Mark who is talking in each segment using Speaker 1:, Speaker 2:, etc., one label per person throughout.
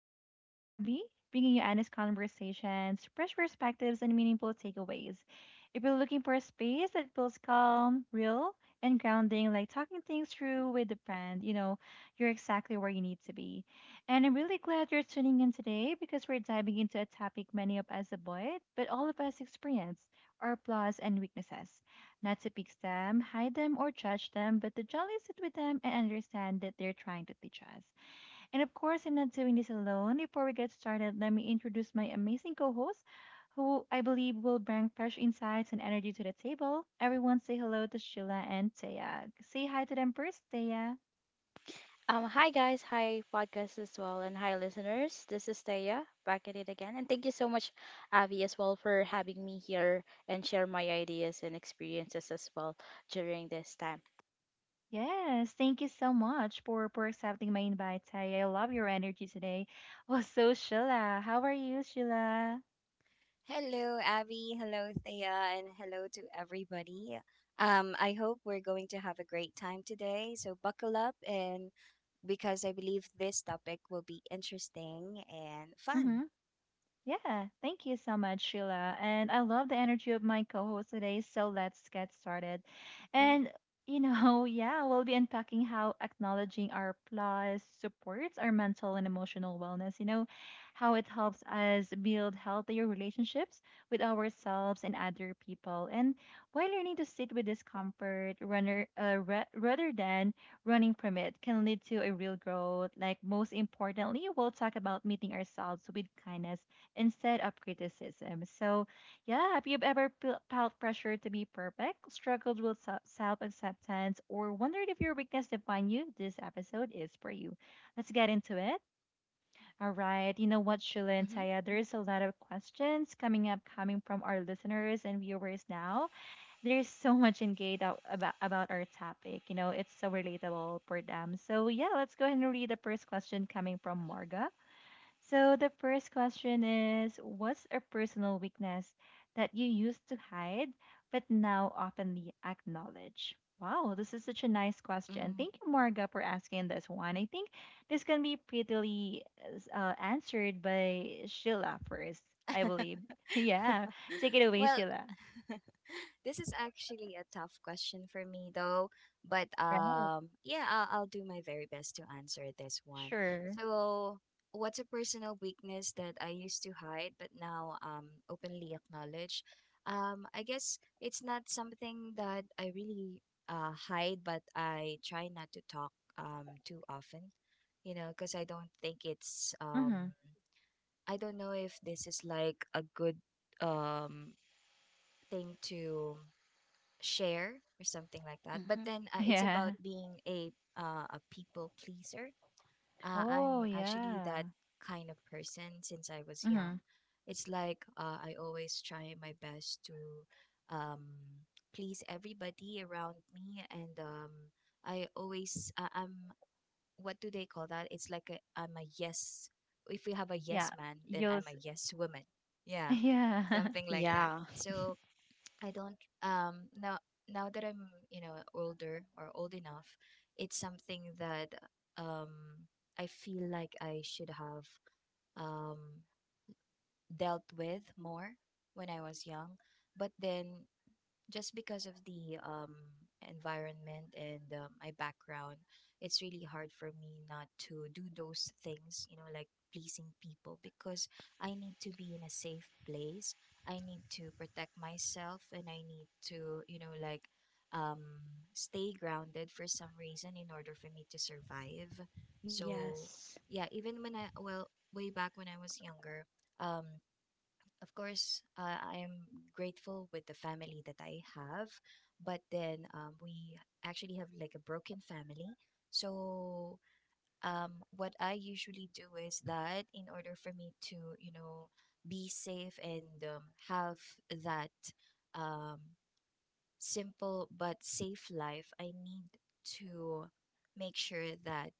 Speaker 1: It's your host, Abby, bringing you honest conversations, fresh perspectives, and meaningful takeaways. If you're looking for a space that feels calm, real, and grounding, like talking things through with a friend, you're exactly where you need to be. And I'm really glad you're tuning in today because we're diving into a topic many of us avoid, but all of us experience our flaws and weaknesses. Not to pick them, hide them, or judge them, but to jolly sit with them and understand that they're trying to teach us. And of course, I'm not doing this alone. Before we get started, let me introduce my amazing co host, who I believe will bring fresh insights and energy to the table. Everyone say hello to Sheila and Taya. Say hi to them first, Taya.
Speaker 2: Hi guys, hi podcast as well, and hi listeners. This is Taya back at it again, and thank you so much, Avi, as well for having me here and share my ideas and experiences as well during this time.
Speaker 1: Yes, thank you so much for accepting my invite, Taya. I love your energy today. Also, Sheila, how are you, Sheila?
Speaker 3: Hello, Abby. Hello, Thea, and hello to everybody. I hope we're going to have a great time today. So buckle up, and because I believe this topic will be interesting and fun.
Speaker 1: Mm-hmm. Yeah, thank you so much, Sheila. And I love the energy of my co host today. So let's get started.
Speaker 3: Mm-hmm,
Speaker 1: And, yeah, we'll be unpacking how acknowledging our flaws supports our mental and emotional wellness, how it helps us build healthier relationships with ourselves and other people, and why learning to sit with discomfort rather than running from it can lead to a real growth. Like, most importantly, we'll talk about meeting ourselves with kindness instead of criticism. So, yeah, if you've ever felt pressure to be perfect, struggled with self acceptance, or wondered if your weakness define you, this episode is for you. Let's get into it. All right. You know what, Shula and
Speaker 3: mm-hmm,
Speaker 1: Taya, there's a lot of questions coming up coming from our listeners and viewers now. There's so much engaged about, our topic. You know, it's so relatable for them. So, yeah, let's go ahead and read the first question coming from Marga. So the first question is: what's a personal weakness that you used to hide but now openly acknowledge? Wow, this is such a nice question.
Speaker 3: mm-hmm.
Speaker 1: Thank you, Marga, for asking this one. I think this can be prettily answered by Sheila first, I believe. Yeah, take it away,
Speaker 3: well,
Speaker 1: Sheila.
Speaker 3: this is actually a tough question for me though, but
Speaker 1: Right?
Speaker 3: yeah, I'll do my very best to answer this one.
Speaker 1: Sure.
Speaker 3: So, what's a personal weakness that I used to hide but now openly acknowledge? I guess it's not something that I really hide, but I try not to talk too often, because I don't think it's
Speaker 1: Mm-hmm.
Speaker 3: I don't know if this is like a good um thing to share or something like that. But
Speaker 2: Hmm.
Speaker 3: then it's about
Speaker 1: Yeah.
Speaker 3: being a people pleaser. Uh,
Speaker 1: Oh,
Speaker 3: I'm actually
Speaker 1: yeah.
Speaker 3: that kind of person since I was
Speaker 1: Mm-hmm.
Speaker 3: young. It's like I always try my best to um please everybody around me, and I always I'm, what do they call that? It's like a, I'm a yes. If we have a
Speaker 1: Yeah.
Speaker 3: yes man, then
Speaker 1: You'll.
Speaker 3: I'm
Speaker 1: s-
Speaker 3: a yes woman. Yeah,
Speaker 1: Yeah.
Speaker 3: something like that.
Speaker 2: Yeah.
Speaker 3: So I don't now, now that I'm, you know, older or old enough, it's something that um I feel like I should have um dealt with more when I was young. But then just because of the environment and my background, it's really hard for me not to do those things, you know, like pleasing people, because I need to be in a safe place. I need to protect myself, and I need to, you know, like, um, stay grounded for some reason in order for me to survive. So,
Speaker 2: Yes,
Speaker 3: yeah, even when I, way back when I was younger, um, of course, I am grateful with the family that I have, but then we actually have like a broken family. So, what I usually do is that in order for me to, you know, be safe and have that um, simple but safe life, I need to make sure that,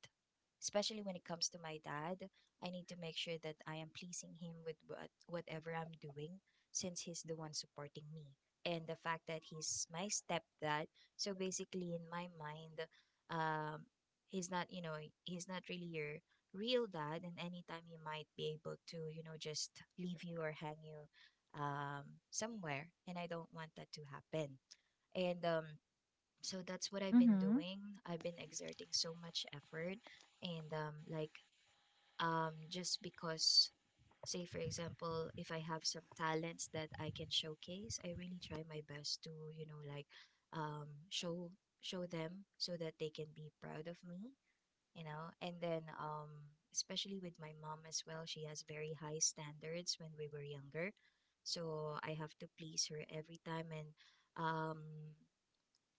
Speaker 3: especially when it comes to my dad, I need to make sure that I am pleasing him with whatever I'm doing, since he's the one supporting me. And the fact that he's my stepdad, so basically in my mind, um, he's not, you know, he's not really your real dad, and anytime he might be able to, you know, just leave you or hang you somewhere, and I don't want that to happen. And so that's what I've been
Speaker 1: Mm-hmm.
Speaker 3: doing. I've been exerting so much effort. And just because, say, for example, if I have some talents that I can showcase, I really try my best to, you know, like, um, show show them so that they can be proud of me, you know. And then, especially with my mom as well, she has very high standards when we were younger. So I have to please her every time, and um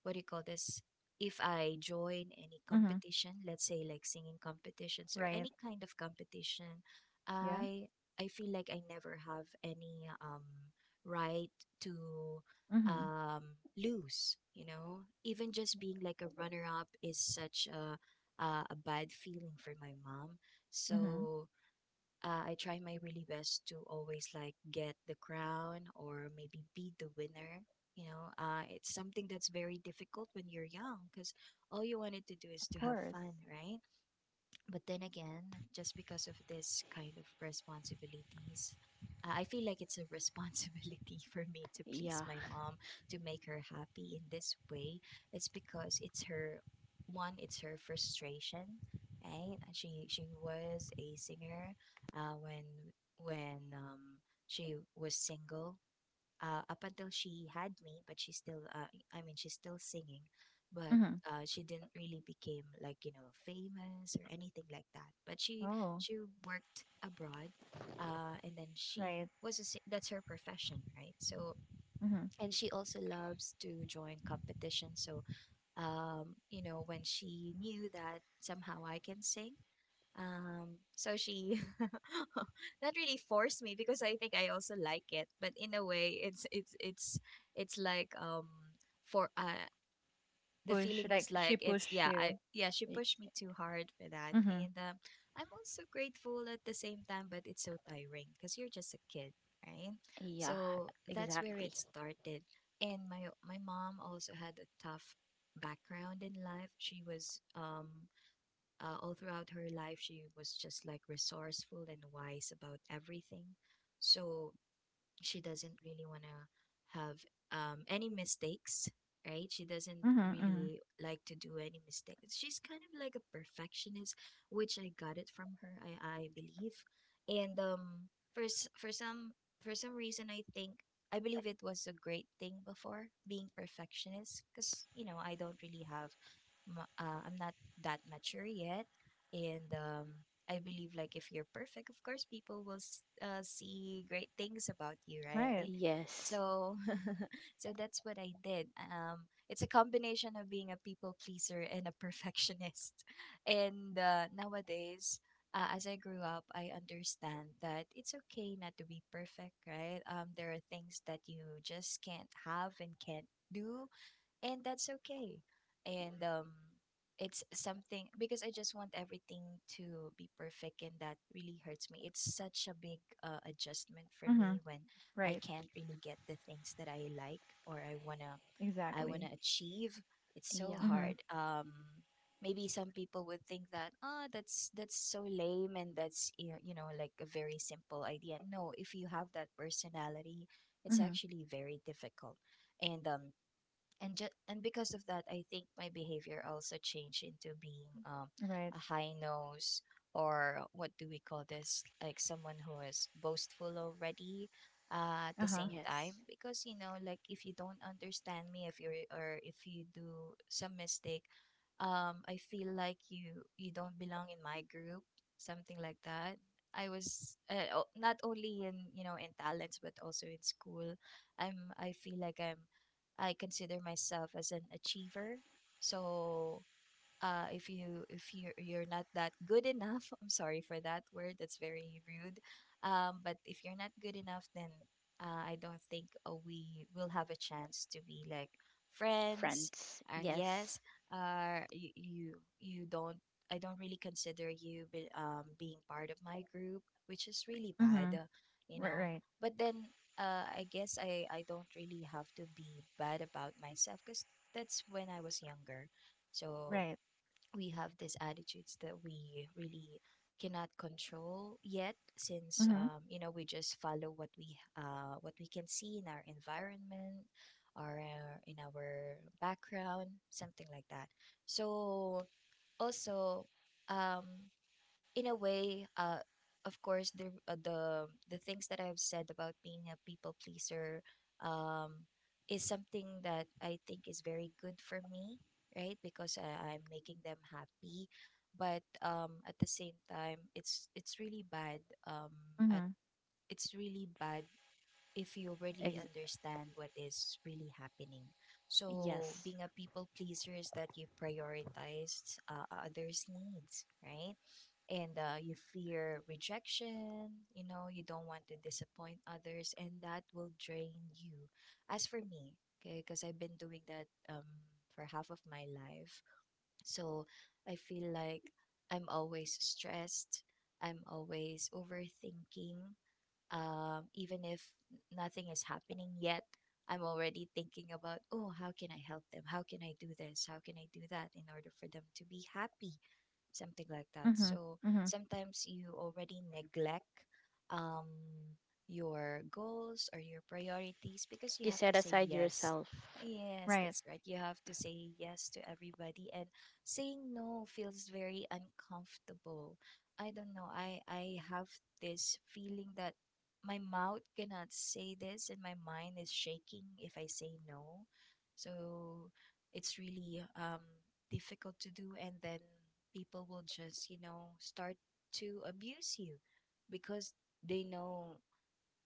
Speaker 3: what do you call this? If I join any
Speaker 1: Mm-hmm.
Speaker 3: competition, let's say like singing competitions or
Speaker 1: Right.
Speaker 3: any kind of competition, I I feel like I never have any right to
Speaker 1: Mhm.
Speaker 3: lose, you know? Even just being like a runner up is such a bad feeling for my mom.
Speaker 1: Mhm.
Speaker 3: So I try my really best to always like get the crown or maybe be the winner. You know, it's something that's very difficult when you're young, because all you wanted to do is
Speaker 1: Of
Speaker 3: to have
Speaker 1: course.
Speaker 3: fun, right? But then again, just because of this kind of responsibilities, I feel like it's a responsibility for me to please
Speaker 2: yeah,
Speaker 3: my mom, to make her happy in this way. It's because it's her it's her frustration, right? And she was a singer uh, when when she was single, up until she had me, but she still, I mean, she's still singing, but
Speaker 1: Mhm.
Speaker 3: she didn't really became like, you know, famous or anything like that. But she
Speaker 1: Oh,
Speaker 3: she worked abroad, and then she
Speaker 1: right.
Speaker 3: was that's her profession, right? So,
Speaker 1: Mhm.
Speaker 3: and she also loves to join competitions. So you know, when she knew that somehow I can sing, so she not really forced me, because I think I also like it, but in a way it's like for the
Speaker 1: Push
Speaker 3: feeling was
Speaker 1: like she
Speaker 3: like it's
Speaker 1: push
Speaker 3: yeah I
Speaker 1: you.
Speaker 3: yeah she
Speaker 1: Y-
Speaker 3: pushed me too hard for that,
Speaker 1: Mhm.
Speaker 3: and I'm also grateful at the same time, but it's so tiring because you're just a kid, right?
Speaker 2: yeah,
Speaker 3: So that's where
Speaker 2: exactly.
Speaker 3: it started, and my mom also had a tough background in life. She was all throughout her life, she was just like resourceful and wise about everything. So she doesn't really want to have any mistakes, right? She doesn't
Speaker 1: Mhm. Mhm.
Speaker 3: really like to do any mistakes. She's kind of like a perfectionist, which I got it from her, I believe. And for some reason, I think I believe it was a great thing before being perfectionist, because, you know, I don't really have I'm not that mature yet, and I believe like if you're perfect, of course people will see great things about you,
Speaker 1: Right.
Speaker 3: right?
Speaker 2: Yes,
Speaker 3: So so that's what I did. It's a combination of being a people pleaser and a perfectionist. And nowadays as I grew up, I understand that it's okay not to be perfect, right? There are things that you just can't have and can't do, and that's okay. And it's something because I just want everything to be perfect, and that really hurts me. It's such a big adjustment for me
Speaker 1: Mhm.
Speaker 3: when I
Speaker 1: Right.
Speaker 3: can't really get the things that I like or I want
Speaker 1: Exactly.
Speaker 3: to achieve. It's so
Speaker 2: yeah,
Speaker 1: Mhm.
Speaker 3: hard. Maybe some people would think that, ah, that's so lame, and you know, like a very simple idea. No, if you have that personality, it's
Speaker 1: Mhm.
Speaker 3: actually very difficult. And and just and because of that, I think my behavior also changed into being,
Speaker 1: Right.
Speaker 3: a high nose, or what do we call this, like someone who is boastful already, at the
Speaker 1: Uh-huh.
Speaker 3: same time,
Speaker 2: yes.
Speaker 3: because, you know, like, if you don't understand me, if you do some mistake, I feel like you don't belong in my group, something like that. I was not only in, you know, in talents, but also in school. I feel like I consider myself as an achiever. So if you you're not that good enough, I'm sorry for that word, that's very rude, but if you're not good enough, then I don't think we will have a chance to be like friends,
Speaker 2: Friends,
Speaker 3: and yes,
Speaker 2: yes,
Speaker 3: you you don't I don't really consider you being part of my group, which is really bad,
Speaker 1: Mhm.
Speaker 3: you
Speaker 1: Right,
Speaker 3: know.
Speaker 1: right.
Speaker 3: But then I guess I don't really have to be bad about myself, because that's when I was younger. So
Speaker 1: Right.
Speaker 3: we have these attitudes that we really cannot control yet, since,
Speaker 1: Mhm.
Speaker 3: you know, we just follow what we can see in our environment, or in our background, something like that. So also, um, in a way, of course, the things that I've said about being a people pleaser, um, is something that I think is very good for me, right? Because I'm making them happy, but at the same time, it's really bad. Um, at
Speaker 1: Mhm.
Speaker 3: It's really bad if you really
Speaker 2: ex-
Speaker 3: understand what is really happening. So
Speaker 2: yes.
Speaker 3: being a people pleaser is that you prioritize others' needs, right? And you fear rejection, you know, you don't want to disappoint others, and that will drain you. As for me, okay, because I've been doing that for half of my life. So I feel like I'm always stressed, I'm always overthinking, even if nothing is happening yet, I'm already thinking about, oh, how can I help them, how can I do this, how can I do that in order for them to be happy, something like that.
Speaker 1: Mhm.
Speaker 3: So
Speaker 1: Mhm.
Speaker 3: sometimes you already neglect um, your goals or your priorities because you
Speaker 2: You
Speaker 3: have to
Speaker 2: set
Speaker 3: say
Speaker 2: aside
Speaker 3: yes.
Speaker 2: yourself
Speaker 3: Yes,
Speaker 1: Right.
Speaker 3: that's right. You have to say yes to everybody, and saying no feels very uncomfortable. I don't know. I have this feeling that my mouth cannot say this, and my mind is shaking if I say no. So it's really difficult to do, and then people will just start to abuse you because they know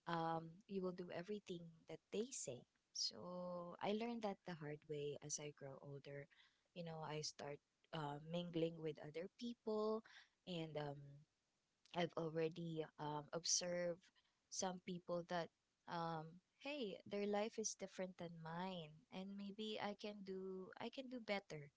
Speaker 3: you will do everything that they say. So I learned that the hard way. As I grow older, I start mingling with other people, and I've already observed some people that, um, hey, their life is different than mine, and maybe I can do I can do better.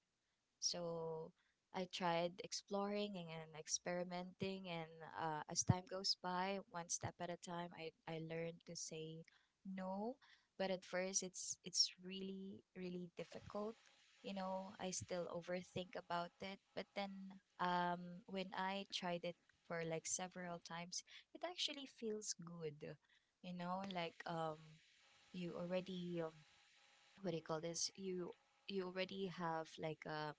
Speaker 3: So I tried exploring and experimenting, and as time goes by, one step at a time, I learned to say no. But at first, it's really really difficult. You know, I still overthink about it. But then, when I tried it for like several times, it actually feels good. You know, like you already what do you call this? You already have like a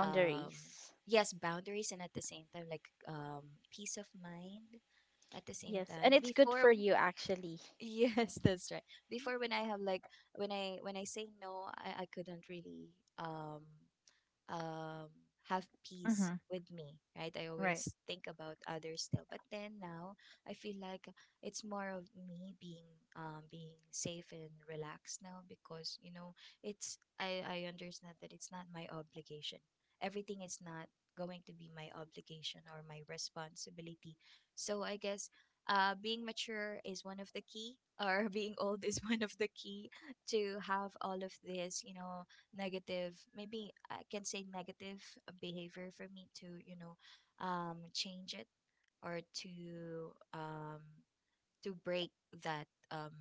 Speaker 3: um yes, boundaries, and at the same time like peace of mind at the same
Speaker 2: Yes, and
Speaker 3: time
Speaker 2: it's good for
Speaker 3: before.
Speaker 2: you actually.
Speaker 3: Yes, that's right. Before, when I have like when I say no, I couldn't really um um, have peace
Speaker 1: Mhm.
Speaker 3: with me, right? I
Speaker 1: Right.
Speaker 3: always think about others still, but then now I feel like it's more of me being being safe and relaxed now, because you know it's I understand that it's not my obligation. Everything is not going to be my obligation or my responsibility. So I guess being mature is one of the key, or being old is one of the key to have all of this, you know, negative, maybe I can say negative behavior for me to, you know, change it, or to break that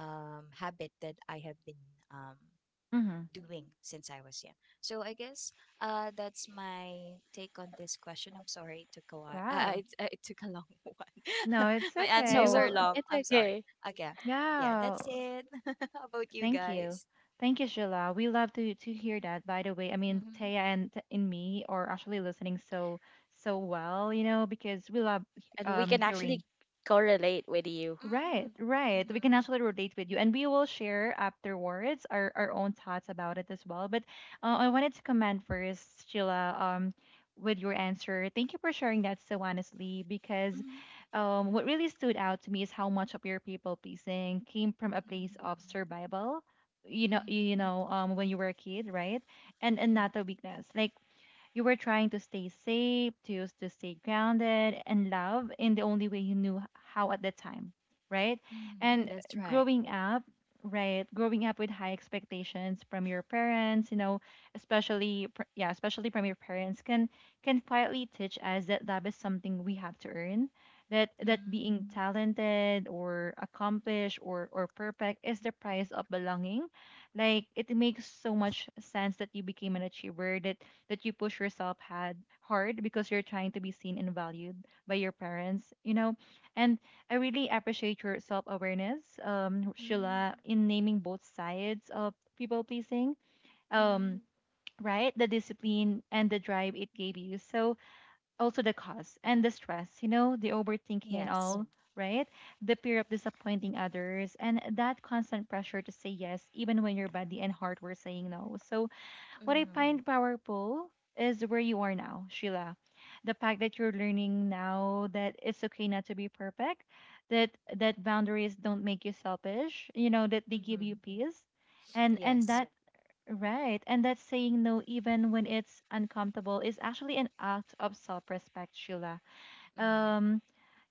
Speaker 3: habit that I have been um
Speaker 1: Mhm.
Speaker 3: doing since I was young. So I guess that's my take on this question. I'm sorry it took a while.
Speaker 1: Wow.
Speaker 3: It took a long one.
Speaker 1: No, it's
Speaker 3: My
Speaker 1: okay.
Speaker 2: No,
Speaker 3: answers are
Speaker 1: Well,
Speaker 2: it's
Speaker 3: long, I'm sorry.
Speaker 2: okay.
Speaker 3: Okay. Yeah,
Speaker 1: yeah.
Speaker 3: that's it. How about you
Speaker 1: Thank you.
Speaker 3: guys?
Speaker 1: Thank you, Sheila. We love to hear that. By the way, I mean Taya
Speaker 3: Mm-hmm.
Speaker 1: and me are actually listening so so well, you know, because we love
Speaker 2: And we can actually
Speaker 1: hearing.
Speaker 2: correlate with you.
Speaker 1: Right, right. We
Speaker 3: Mm-hmm.
Speaker 1: can actually relate with you, and we will share afterwards our own thoughts about it as well. But I wanted to comment first, Sheila, with your answer. Thank you for sharing that so honestly, because
Speaker 3: Mhm.
Speaker 1: what really stood out to me is how much of your people pleasing came from a place of
Speaker 3: Mm,
Speaker 1: survival.
Speaker 3: mhm,
Speaker 1: When you were a kid, right?
Speaker 3: mhm,
Speaker 1: And not a weakness. Like you were trying to stay safe, to stay grounded and love in the only way you knew how at the time, right?
Speaker 3: mhm.
Speaker 1: And
Speaker 3: That's right.
Speaker 1: growing up, right, growing up with high expectations from your parents, you know, especially, yeah, especially from your parents can quietly teach us that love is something we have to earn, that that
Speaker 3: Mhm.
Speaker 1: being talented or accomplished or perfect is the price of belonging. Like it makes so much sense that you became an achiever, that that you push yourself had hard because you're trying to be seen and valued by your parents, you know. And I really appreciate your self awareness,
Speaker 3: Mhm.
Speaker 1: Sheila, in naming both sides of people pleasing.
Speaker 3: Mhm.
Speaker 1: Um, right, the discipline and the drive it gave you, so also the cost and the stress, you know, the overthinking and
Speaker 3: Yes.
Speaker 1: all, right, the fear of disappointing others and that constant pressure to say yes even when your body and heart were saying no. So what I
Speaker 3: Mhm,
Speaker 1: find powerful is where you are now, Sheila. The fact that you're learning now that it's okay not to be perfect, that that boundaries don't make you selfish, you know, that they give
Speaker 3: mhm.
Speaker 1: you peace. And
Speaker 3: Yes.
Speaker 1: that, right, and that saying no even when it's uncomfortable is actually an act of self-respect, Sheila.
Speaker 3: Mhm.
Speaker 1: um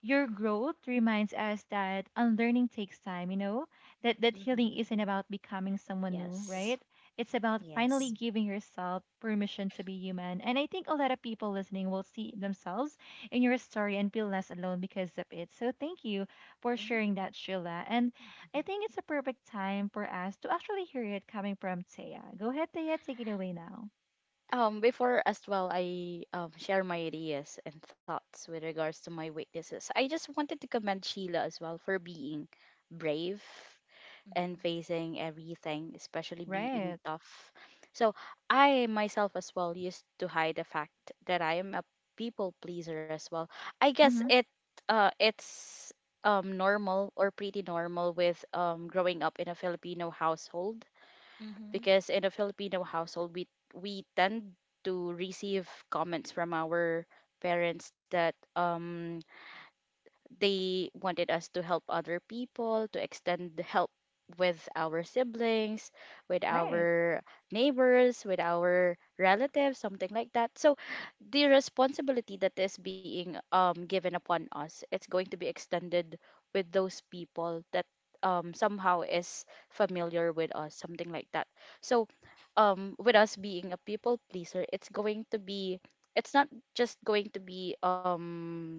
Speaker 1: your growth reminds us that unlearning takes time, you know, that that
Speaker 3: Mhm.
Speaker 1: healing isn't about becoming someone new,
Speaker 2: Yes.
Speaker 1: right, it's about
Speaker 3: Yes.
Speaker 1: finally giving yourself permission to be human. And I think a lot of people listening will see themselves in your story and feel less alone because of it. So thank you for
Speaker 3: Mhm,
Speaker 1: sharing that, Sheila. And I
Speaker 3: mhm,
Speaker 1: think it's a perfect time for us to actually hear it coming from Taya. Go ahead, Taya, take it away now.
Speaker 2: Before as well, I share my ideas and thoughts with regards to my weaknesses. I just wanted to commend Sheila as well for being brave and
Speaker 3: mhm,
Speaker 2: facing everything, especially being
Speaker 1: Right.
Speaker 2: tough. So I myself as well used to hide the fact that I am a people pleaser as well. I guess
Speaker 1: Mm-hmm.
Speaker 2: it's normal or pretty normal with growing up in a Filipino household,
Speaker 3: mhm.
Speaker 2: because in a Filipino household we tend to receive comments from our parents that they wanted us to help other people, to extend the help with our siblings, with
Speaker 1: Right.
Speaker 2: our neighbors, with our relatives, something like that. So the responsibility that is being, given upon us, it's going to be extended with those people that, somehow is familiar with us, something like that. So, with us being a people pleaser, it's going to be, it's not just going to be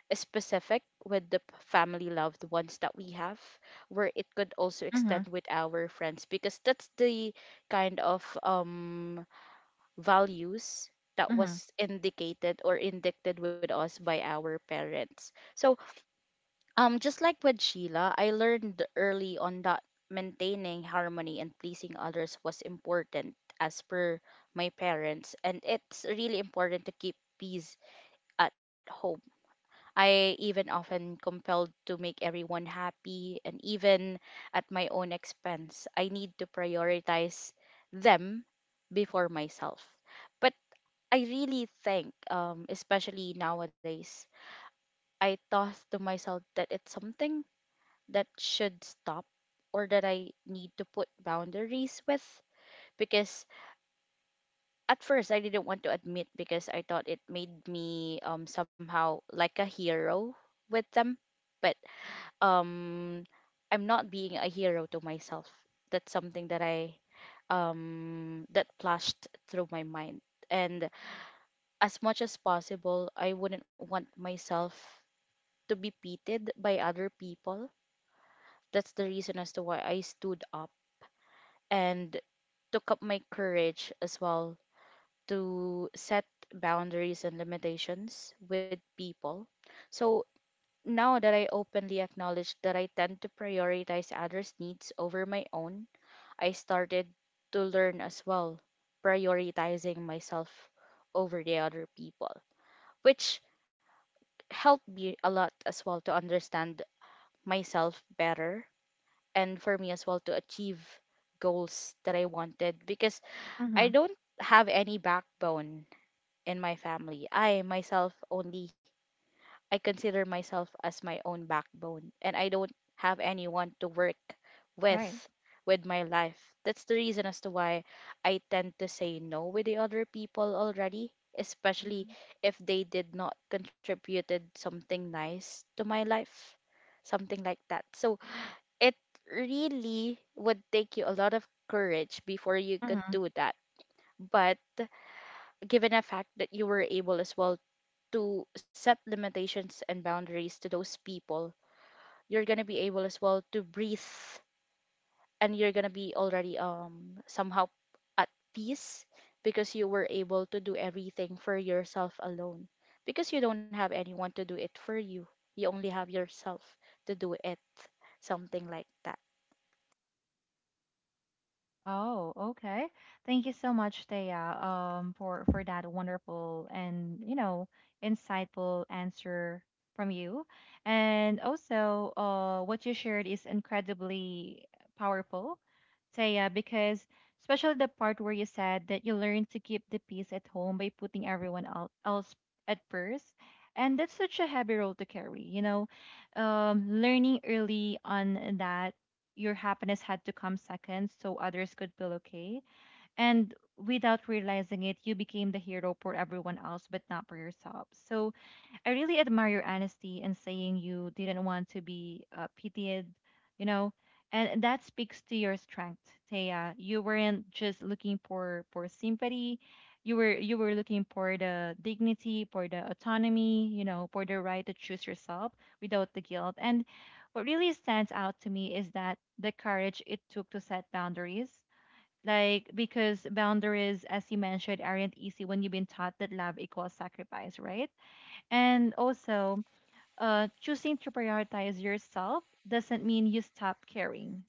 Speaker 2: specific with the family loved ones that we have, where it could also
Speaker 1: Mm-hmm.
Speaker 2: extend with our friends, because that's the kind of values that
Speaker 1: Mm-hmm.
Speaker 2: was indicated or indicted with us by our parents. So just like with Sheila, I learned early on that maintaining harmony and pleasing others was important, as per my parents, and it's really important to keep peace at home. I even often compelled to make everyone happy, and even at my own expense I need to prioritize them before myself. But I really think, especially nowadays, I thought to myself that it's something that should stop, or that I need to put boundaries with, because at first I didn't want to admit, because I thought it made me somehow like a hero with them. But um I'm not being a hero to myself. That's something that I that flashed through my mind. And as much as possible, I wouldn't want myself to be pitied by other people. That's the reason as to why I stood up and took up my courage as well to set boundaries and limitations with people. So now that I openly acknowledge that I tend to prioritize others' needs over my own, I started to learn as well, prioritizing myself over the other people, which helped me a lot as well to understand myself better and for me as well to achieve goals that I wanted, because I
Speaker 1: Mm-hmm.
Speaker 2: don't have any backbone in my family. I myself only, I consider myself as my own backbone, and I don't have anyone to work
Speaker 1: Right.
Speaker 2: with with my life. That's the reason as to why I tend to say no with the other people already, especially
Speaker 3: Mhm.
Speaker 2: if they did not contributed something nice to my life, something like that. So it really would take you a lot of courage before you could do that. But given the fact that you were able as well to set limitations and boundaries to those people, you're gonna be able as well to breathe, and you're gonna be already somehow at peace, because you were able to do everything for yourself alone, because you don't have anyone to do it for you. You only have yourself to do it, something like that.
Speaker 1: Oh, okay. Thank you so much, Thea, for that wonderful and, you know, insightful answer from you. And also, what you shared is incredibly powerful, Thea, because especially the part where you said that you learned to keep the peace at home by putting everyone else at first. And that's such a heavy role to carry, you know. Learning early on that your happiness had to come second so others could feel okay. And without realizing it, you became the hero for everyone else, but not for yourself. So I really admire your honesty in saying you didn't want to be pitied, you know, and that speaks to your strength, Taya. You weren't just looking for sympathy, you were looking for the dignity, for the autonomy, you know, for the right to choose yourself without the guilt. And what really stands out to me is that the courage it took to set boundaries. Like because boundaries, as you mentioned, aren't easy when you've been taught that love equals sacrifice, right? And also, choosing to prioritize yourself doesn't mean you stop caring.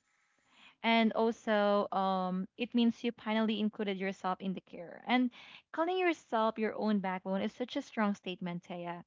Speaker 1: And also, it means you finally included yourself in the care. And calling yourself your own backbone is such a strong statement, Taya.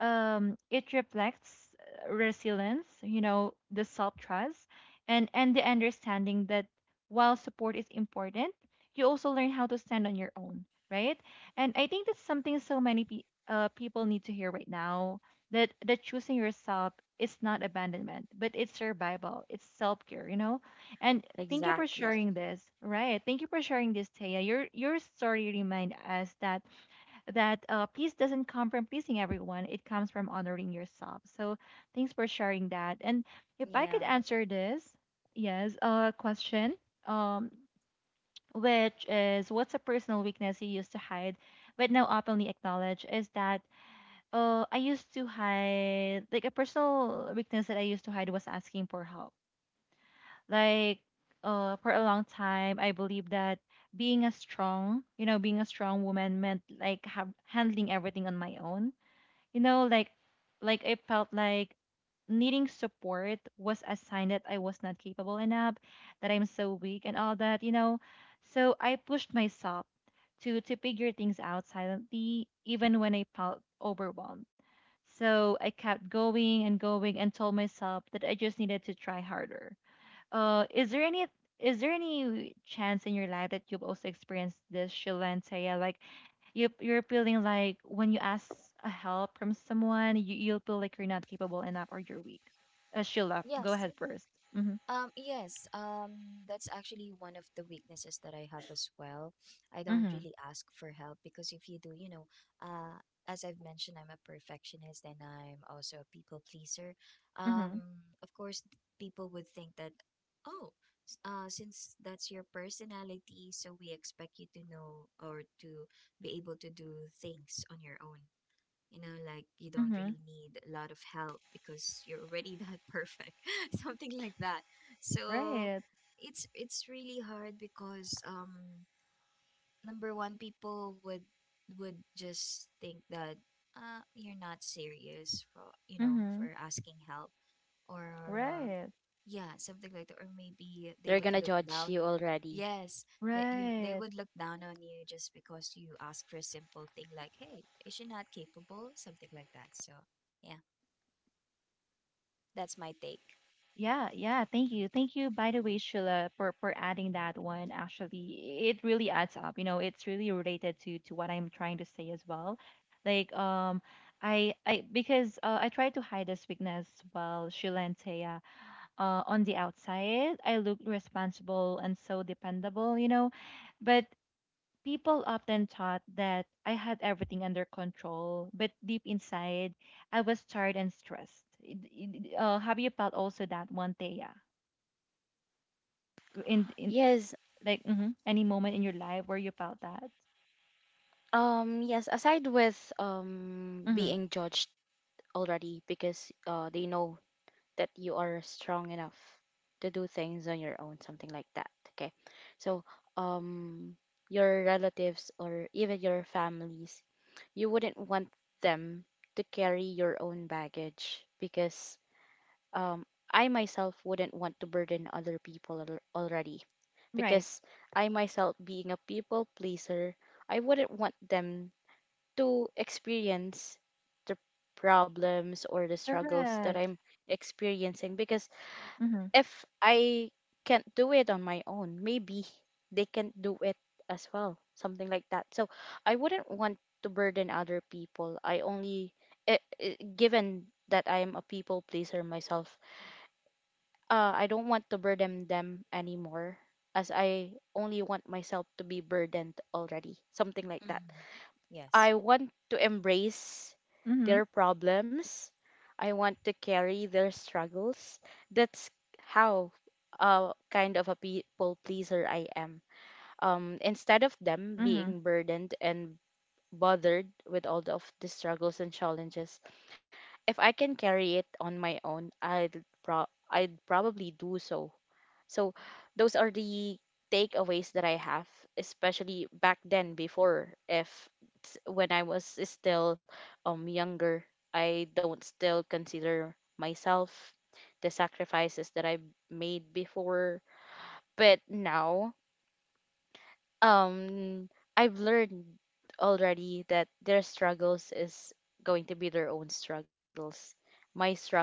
Speaker 1: It reflects resilience, you know, the self trust, and the understanding that while support is important, you also learn how to stand on your own, right? And I think that's something so many people need to hear right now, that that choosing yourself is not abandonment, but it's survival, it's self care, you know. And thank you for
Speaker 2: Exactly.
Speaker 1: sharing this, right? Thank you for sharing this, Taya. Your story remind us that that peace doesn't come from pleasing everyone, it comes from honoring yourself. So thanks for sharing that. And if
Speaker 3: Yeah.
Speaker 1: I could answer this, yes, question, um, which is what's a personal weakness you used to hide but now openly acknowledge, is that I used to hide, like a personal weakness that I used to hide was asking for help. Like for a long time, I believed that being a strong, you know, being a strong woman meant like handling everything on my own, you know, like I felt like needing support was a sign that I was not capable enough, that I'm so weak and all that, you know. So I pushed myself to figure things out silently even when I felt overwhelmed. So I kept going and going and told myself that I just needed to try harder. Is there any is there any chance in your life that you've also experienced this, Shilantaya? Like you you're feeling like when you ask a help from someone, you you'll feel like you're not capable enough or you're weak. Sheila,
Speaker 3: Yes.
Speaker 1: go ahead first. Mhm.
Speaker 3: Yes, that's actually one of the weaknesses that I have as well. I don't
Speaker 1: Mhm.
Speaker 3: really ask for help, because if you do, you know, uh, as I've mentioned, I'm a perfectionist and I'm also a people pleaser.
Speaker 1: Mhm.
Speaker 3: Of course, people would think that, oh, since that's your personality, so we expect you to know or to be able to do things on your own. You know, like you don't really
Speaker 1: Mhm.
Speaker 3: need a lot of help because you're already that perfect. Something like that. So
Speaker 1: Right.
Speaker 3: it's really hard because number one, people would just think that you're not serious for, you know, for
Speaker 1: Mhm.
Speaker 3: asking help, or or
Speaker 1: Right.
Speaker 3: yeah, something like that. Or maybe they would
Speaker 2: They're
Speaker 3: look
Speaker 2: gonna judge
Speaker 3: down.
Speaker 2: you already.
Speaker 3: Yes, that you they
Speaker 1: Right.
Speaker 3: would look down on you just because you ask for a simple thing like, "Hey, is she not capable?" Something like that. So yeah, that's my take.
Speaker 1: Yeah, yeah. Thank you. Thank you, by the way, Sheila, for adding that one. Actually, it really adds up. You know, it's really related to what I'm trying to say as well. Like, I because I try to hide this weakness while Sheila and Taya, on the outside, I look responsible and so dependable, you know, but people often thought that I had everything under control, but deep inside, I was tired and stressed. Have you felt also that one day, yeah? In
Speaker 2: Yes,
Speaker 1: like mhm, any moment in your life where you felt that?
Speaker 2: yes, aside with
Speaker 1: Mm-hmm.
Speaker 2: being judged already, because they know that you are strong enough to do things on your own, something like that. Okay. So, um, your relatives or even your families, you wouldn't want them to carry your own baggage, because, um, I myself wouldn't want to burden other people already.
Speaker 1: Right.
Speaker 2: Because I myself, being a people pleaser, I wouldn't want them to experience the problems or the struggles that
Speaker 1: Correct.
Speaker 2: I'm experiencing, because
Speaker 1: Mm-hmm.
Speaker 2: if I can't do it on my own, maybe they can do it as well, something like that. So I wouldn't want to burden other people. I only, I- Given that I am a people pleaser myself, I don't want to burden them anymore. As I only want myself to be burdened already, something like that.
Speaker 3: Mm-hmm. Yes.
Speaker 2: I want to embrace
Speaker 1: Mm-hmm.
Speaker 2: their problems. I want to carry their struggles. That's how kind of a people pleaser I am. Instead of them
Speaker 1: Mm-hmm.
Speaker 2: being burdened and bothered with all of the struggles and challenges, if I can carry it on my own, I'd probably do so. So those are the takeaways that I have, especially back then before, if when I was still younger, I don't still consider myself the sacrifices that I made before. But now um I've learned already that their struggles is going to be their own struggles. My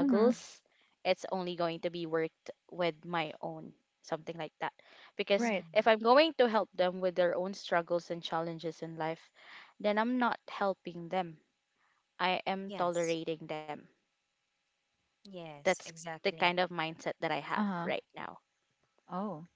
Speaker 1: Mm-hmm.
Speaker 2: it's only going to be worked with my own, something like that. Because
Speaker 1: Right.
Speaker 3: Mm-hmm.
Speaker 2: if I'm going to help them with their own struggles and challenges in life, then I'm not helping them. I am
Speaker 3: Yes.
Speaker 2: tolerating them. That's
Speaker 3: Yes.
Speaker 2: the kind of
Speaker 3: Exactly.
Speaker 2: mindset that I have
Speaker 1: Uh-huh.
Speaker 2: right now.
Speaker 1: Oh.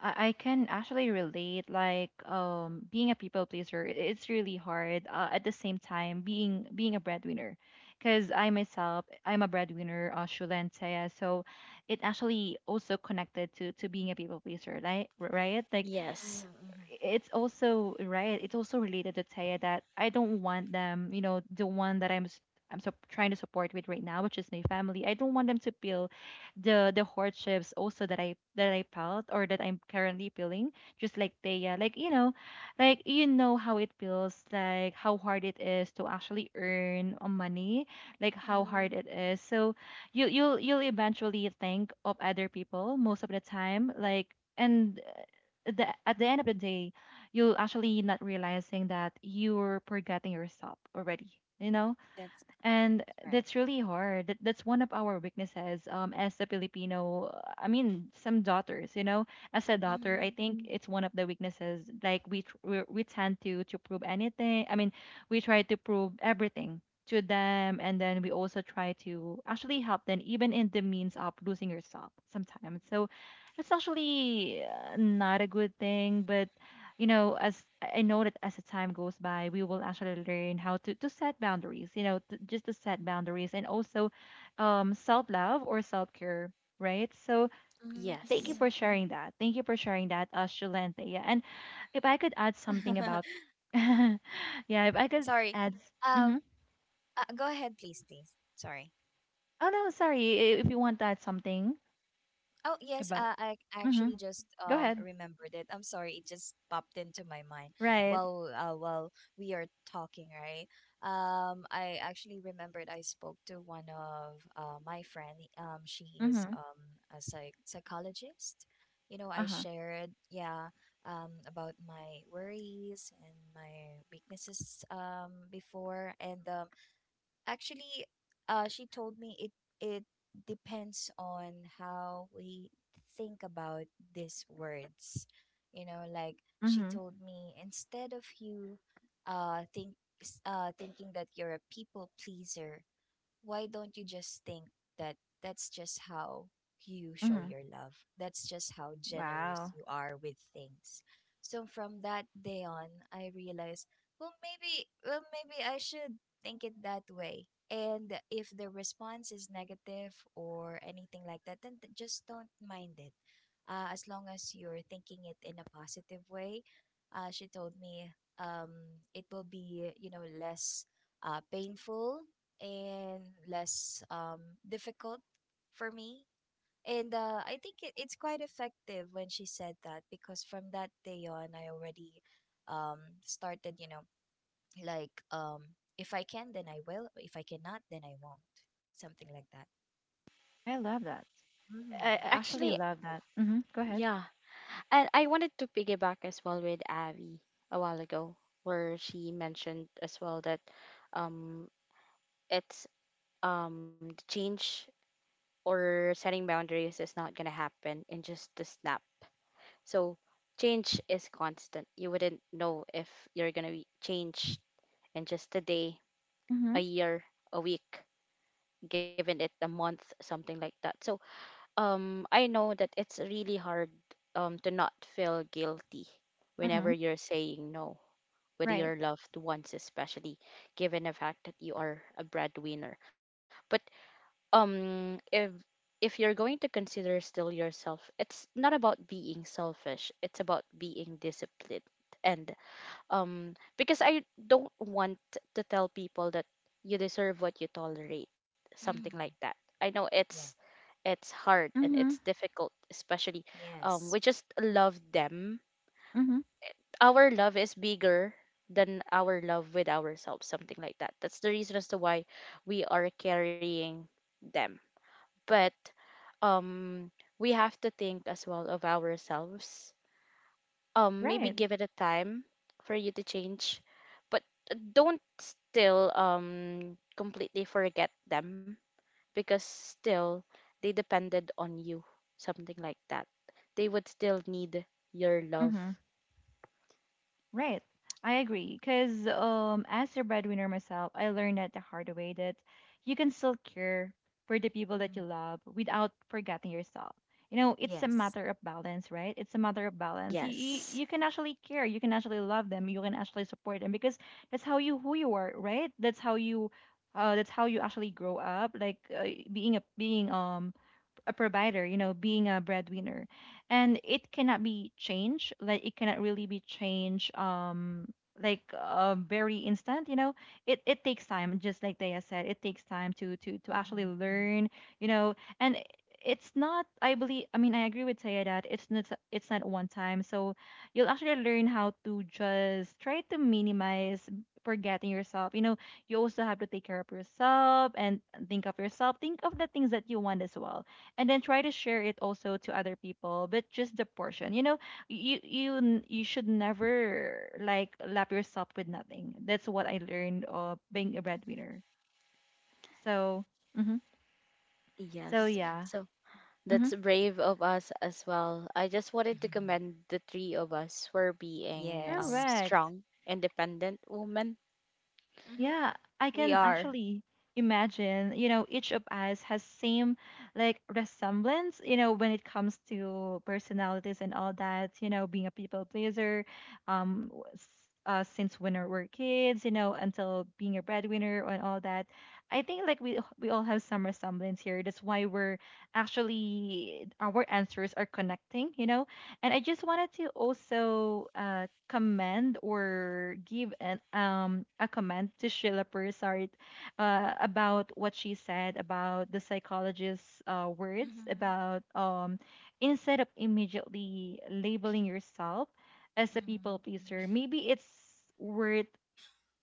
Speaker 1: I can actually relate. Like, being a people pleaser, it's really hard. At the same time, being a breadwinner, because I myself, I'm a breadwinner, Shula and Taya, so it actually also connected to being a people pleaser, like, right? Like,
Speaker 2: Yes.
Speaker 3: Mm-hmm.
Speaker 1: it's also related to Taya that I don't want them, you know, the one that I'm s- I'm so trying to support with right now, which is my family. I don't want them to feel the hardships also that I felt or that I'm currently feeling, just like Taya. Like, you know, like, you know how it feels, like how hard it is to actually earn money, like how hard
Speaker 3: Mm-hmm.
Speaker 1: it is. So you you'll eventually think of other people most of the time, like, and at the end of the day, you're actually not realizing that you're forgetting yourself already. You know,
Speaker 3: That's
Speaker 1: and that's
Speaker 3: right.
Speaker 1: really hard. That's one of our weaknesses, as a Filipino, I mean, some daughters, you know. As a daughter, I
Speaker 3: Mm-hmm.
Speaker 1: think it's one of the weaknesses. Like, we tend to prove anything, I mean, we try to prove everything to them, and then we also try to actually help them, even in the means of losing yourself sometimes. So it's actually not a good thing, but, you know, as I know, that as the time goes by, we will actually learn how to set boundaries, you know, just to set boundaries, and also self love or self care, right? So
Speaker 3: Mm-hmm.
Speaker 1: thank
Speaker 2: Yes,
Speaker 1: you for sharing that. Thank you for sharing that, Shula and Thea. And if I could add something
Speaker 3: Mm-hmm.
Speaker 1: about, yeah, if I could
Speaker 3: Sorry.
Speaker 1: add, mm-hmm.
Speaker 3: Um, Go ahead, please, please. Sorry.
Speaker 1: Oh no, sorry, if you want to add something
Speaker 3: Oh yes,
Speaker 1: about,
Speaker 3: I
Speaker 1: mm-hmm.
Speaker 3: actually just
Speaker 1: Go ahead.
Speaker 3: remembered it. I'm sorry, it just popped into my mind
Speaker 1: Right.
Speaker 3: while we are talking, right? I actually remembered I spoke to one of my friend. She is
Speaker 1: Mm-hmm.
Speaker 3: a psychologist. You know,
Speaker 1: Uh
Speaker 3: I
Speaker 1: huh.
Speaker 3: shared yeah about my worries and my weaknesses before, and actually, she told me it depends on how we think about these words. You know, like she
Speaker 1: Mm-hmm.
Speaker 3: told me, instead of you think thinking that you're a people pleaser, why don't you just think that that's just how you show
Speaker 1: Mm-hmm.
Speaker 3: your love? That's just how generous
Speaker 1: Wow.
Speaker 3: you are with things. So from that day on, I realized, well, maybe I should think it that way. And if the response is negative or anything like that, then just don't mind it. As long as you're thinking it in a positive way, she told me um, it will be, you know, less painful and less difficult for me. And I think it's quite effective when she said that, because from that day on, I already um, started, you know, like if I can, then I will. If I cannot, then I won't. Something like that.
Speaker 1: I love that. I
Speaker 3: Mm.
Speaker 2: actually.
Speaker 1: actually love that. Mm-hmm. Go ahead.
Speaker 2: Yeah. And I wanted to piggyback as well with Abby a while ago, where she mentioned as well that, um, it's, the change or setting boundaries is not going to happen in just a snap. So change is constant. You wouldn't know if you're going to be changed in just a day,
Speaker 1: Mm-hmm.
Speaker 2: a year, a week, given it a month, something like that. So I know that it's really hard to not feel guilty
Speaker 1: Mm-hmm.
Speaker 2: whenever you're saying no with
Speaker 1: Right.
Speaker 2: your loved ones, especially given the fact that you are a breadwinner. But um, if if you're going to consider still yourself, it's not about being selfish. It's about being disciplined. And because I don't want to tell people that you deserve what you tolerate, something like
Speaker 3: Mm.
Speaker 2: that. I know it's
Speaker 3: Yeah.
Speaker 2: it's hard and it's
Speaker 1: Mm-hmm.
Speaker 2: difficult, especially we
Speaker 3: Yes.
Speaker 2: just love them.
Speaker 1: Mm-hmm.
Speaker 2: Our love is bigger than our love with ourselves, something like that. That's the reason as to why we are carrying them. But um, we have to think as well of ourselves. Maybe
Speaker 1: Right.
Speaker 2: give it a time for you to change, but don't still completely forget them, because still they depended on you, something like that. They would still need your love.
Speaker 1: Mm-hmm. Right. I agree. Because, as your breadwinner myself, I learned that the hard way that you can still care for the people that you
Speaker 3: Mm.
Speaker 1: love without forgetting yourself. You know, it's a
Speaker 3: Yes.
Speaker 1: matter of balance, right? It's a matter of balance.
Speaker 2: Yes.
Speaker 1: You can actually care. You can actually love them. You can actually support them, because that's how you, who you are, right? That's how you actually grow up. Like, being a being a provider, you know, being a breadwinner. And it cannot be changed. Like, it cannot really be changed, like, very instant, you know. It takes time, just like Daya said. It takes time to to actually
Speaker 3: Mm-hmm.
Speaker 1: learn, you know, and it's not, I believe, I mean, I agree with Taya that it's not, it's not one time. So you'll actually learn how to just try to minimize forgetting yourself. You know, you also have to take care of yourself and think of yourself. Think of the things that you want as well, and then try to share it also to other people, but just the portion. You know, you should never like lap yourself with nothing. That's what I learned of being a breadwinner. So mhm. So
Speaker 2: Yes.
Speaker 1: yeah.
Speaker 2: So,
Speaker 1: Hmm.
Speaker 2: that's brave of us as well. I just wanted to commend the three of us for being
Speaker 3: Yes.
Speaker 1: Correct.
Speaker 2: strong, independent women.
Speaker 3: Mm-hmm.
Speaker 1: Yeah, I
Speaker 3: We
Speaker 1: can
Speaker 3: are.
Speaker 1: actually imagine, you know, each of us has same, like, resemblance, you know, when it comes to personalities and all that, you know, being a people pleaser, um, w- s- since when we're kids, you know, until being a breadwinner and all that. I think like we all have some resemblance here. That's why we're actually, our answers are connecting, you know. And I just wanted to also commend or give an a comment to Sheila Persart about what she said about the psychologist's words
Speaker 3: Mm-hmm.
Speaker 1: about, instead of immediately labeling yourself as a people
Speaker 3: Mm-hmm.
Speaker 1: pleaser, maybe it's worth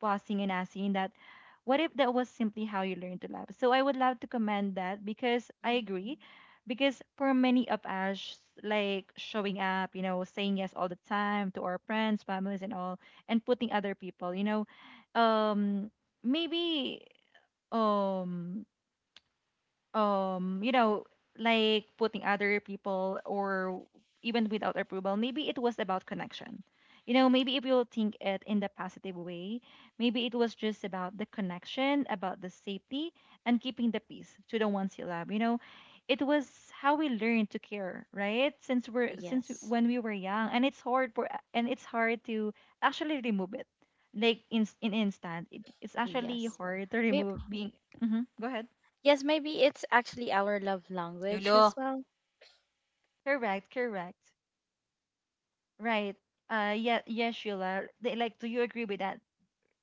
Speaker 1: pausing and asking that, what if that was simply how you learned to laugh? So I would love to commend that, because I
Speaker 3: Mm-hmm.
Speaker 1: agree. Because for many of us, like showing up, you know, saying yes all the time to our friends, families, and all, and putting other people, you know, um, maybe um um you know like putting other people, or even without approval, maybe it was about connection. You know, maybe if you think it in the positive way, maybe it was just about the connection, about the safety, and keeping the peace to the ones you love, you know. It was how we learned to care, right, since
Speaker 2: Yes.
Speaker 1: when we were young. And it's hard for, and it's hard to actually remove it, like, in instant. It's actually
Speaker 2: Yes.
Speaker 1: hard to
Speaker 2: Maybe,
Speaker 1: remove being. Mhm, go ahead.
Speaker 2: yes, maybe it's actually our love language
Speaker 3: Lulu.
Speaker 2: as well.
Speaker 1: Correct, correct. Right. Yeah, yes, Sheila. They- Like, do you agree with that,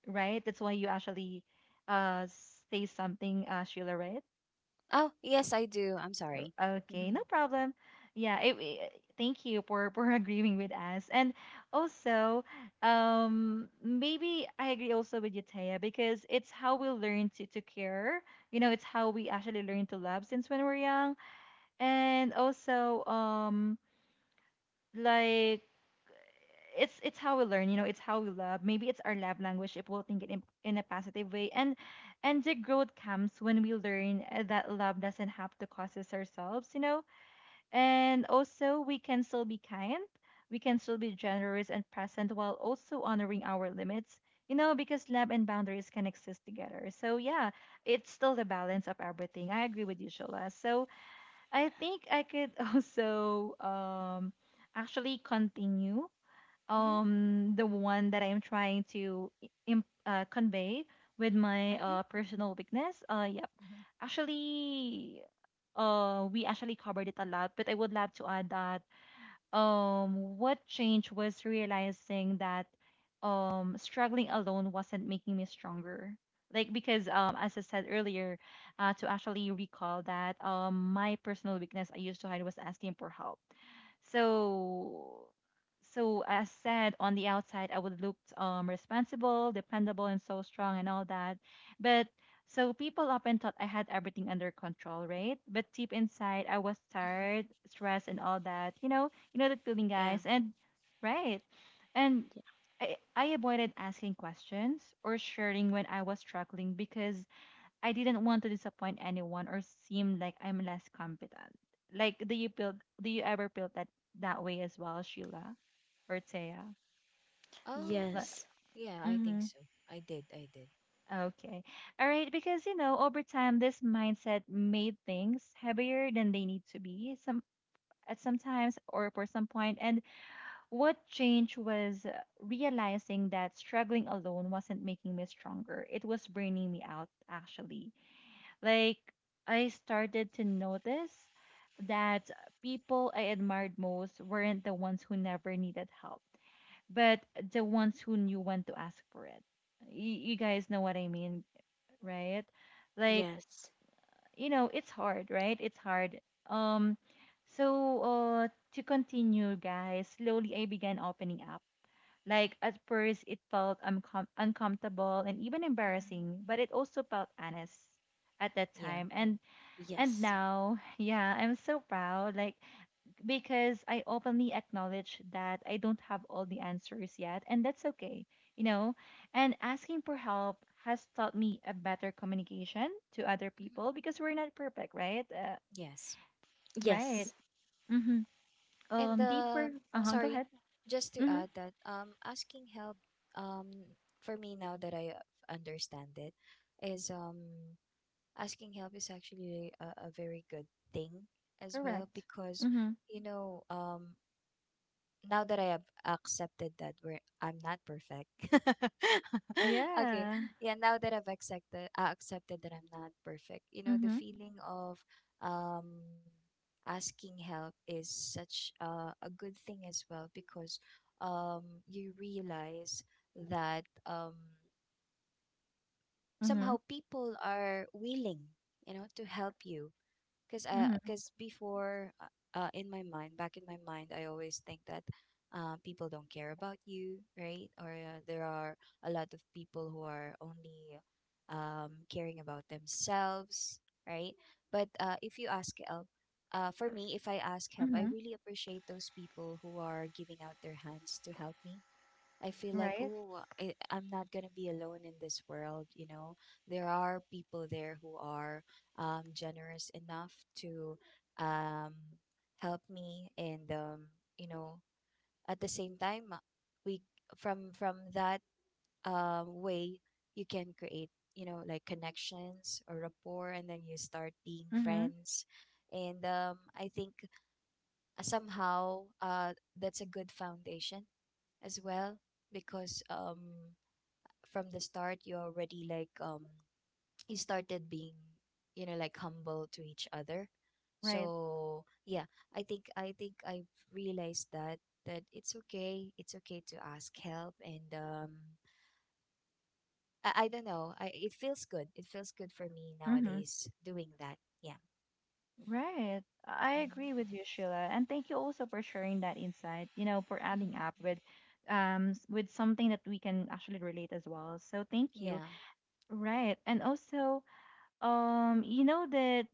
Speaker 1: right? That's why you actually uh say something, uh, Sheila, right?
Speaker 3: Oh, yes, I do. I'm sorry.
Speaker 1: O- Okay,
Speaker 3: Hmm.
Speaker 1: no problem. Yeah, thank you for for agreeing with us. And also, maybe I agree also with you, Taya, because it's how we learn to care. You know, it's how we actually learn to love since when we're young. And also, like it's how we learn, you know, it's how we love. Maybe it's our love language if we'll think it in a positive way. And the growth comes when we learn, that love doesn't have to cost us ourselves, you know. And also, we can still be kind. We can still be generous and present while also honoring our limits, you know, because love and boundaries can exist together. So yeah, it's still the balance of everything. I agree with you, Shola. So I think I could also, actually continue
Speaker 3: Mhm,
Speaker 1: the one that I am trying to convey with my,
Speaker 2: Hmm.
Speaker 1: personal weakness. Yep.
Speaker 3: mhm.
Speaker 1: Actually, we actually covered it a lot, but I would love to add that, what changed was realizing that, struggling alone wasn't making me stronger. Like, because, as I said earlier, to actually recall that, my personal weakness I used to hide was asking for help. So, so as said, on the outside I would look, responsible, dependable, and so strong and all that. But so people often thought I had everything under control, right? But deep inside I was tired, stressed, and all that, you know. You know, inulit feeling,
Speaker 3: Yeah.
Speaker 1: guys. And, right. And
Speaker 2: Ye-
Speaker 1: I avoided asking questions or sharing when I was struggling, because I didn't want to disappoint anyone or seem like I'm less competent. Like, do you feel, do you ever feel that that way as well, Sheila or Taya?
Speaker 3: Oh,
Speaker 2: Yes.
Speaker 3: yeah, I think
Speaker 1: Mm-hmm.
Speaker 3: so. I did. I did.
Speaker 1: Okay. All right. Because, you know, over time, this mindset made things heavier than they need to be, some at sometimes or for some point. And what changed was, realizing that struggling alone wasn't making me stronger. It was burning me out, actually. Like, I started to notice that people I admired most weren't the ones who never needed help, but the ones who knew when to ask for it. You guys know what I mean, right? Like,
Speaker 2: Yes.
Speaker 1: you know, it's hard, right? It's hard. Um, so, uh, to continue, guys, slowly I began opening up. Like at first, it felt uncomfortable and even
Speaker 3: Mhm.
Speaker 1: embarrassing, but it also felt honest at that
Speaker 3: Yeah.
Speaker 1: time. And
Speaker 2: Yes.
Speaker 1: now, yeah, I'm so proud, like, because I openly acknowledge that I don't have all the answers yet, and that's okay, you know. And asking for help has taught me a better communication to other
Speaker 3: Mhm.
Speaker 1: people because we're not perfect, right?
Speaker 3: Yes.
Speaker 2: Yes.
Speaker 1: Right. Mm-hmm.
Speaker 3: And
Speaker 1: Deeper. Uh huh. Go
Speaker 3: sorry,
Speaker 1: ahead.
Speaker 3: just to
Speaker 1: Mm-hmm.
Speaker 3: add that asking help um for me, now that I understand it, is asking help is actually a very good thing as well,
Speaker 1: Correct.
Speaker 3: because
Speaker 1: Mm-hmm.
Speaker 3: you know now that I have accepted that we're I'm not perfect. Okay.
Speaker 1: Yeah.
Speaker 3: Yeah, now that I've accepted that I'm not perfect. You know, the
Speaker 1: Mm-hmm.
Speaker 3: feeling of um asking help is such a good thing as well, because um you realize that
Speaker 1: Mhm.
Speaker 3: somehow people are willing, you know, to help you, because
Speaker 1: Mhm.
Speaker 3: cause before, in my mind, back in my mind, I always think that people don't care about you, right, or there are a lot of people who are only caring about themselves, right. But if you ask help, for me, if I ask help, I
Speaker 1: Mhm.
Speaker 3: really appreciate those people who are giving out their hands to help me. I feel like,
Speaker 1: Right.
Speaker 3: oh, I'm not going to be alone in this world. You know, there are people there who are generous enough to um, help me. And, you know, at the same time, we from that way, you can create, you know, like connections or rapport, and then you start being
Speaker 1: Mhm.
Speaker 3: friends. And I think somehow that's a good foundation as well, because from the start, you already like you started being, you know, like humble to each other.
Speaker 1: Right.
Speaker 3: So yeah, I think I've realized that that it's okay, it's okay to ask help. And I don't know. It feels good, it feels good for me
Speaker 1: Mhm.
Speaker 3: nowadays doing that. Yeah.
Speaker 1: Right. I
Speaker 3: Mm-hmm.
Speaker 1: agree with you, Sheila, and thank you also for sharing that insight. You know, for adding up
Speaker 3: Mm-hmm.
Speaker 1: with, with something that we can actually relate as well. So thank you.
Speaker 3: Yeah. Yep.
Speaker 1: Right. And
Speaker 3: Mhm.
Speaker 1: also, you know that.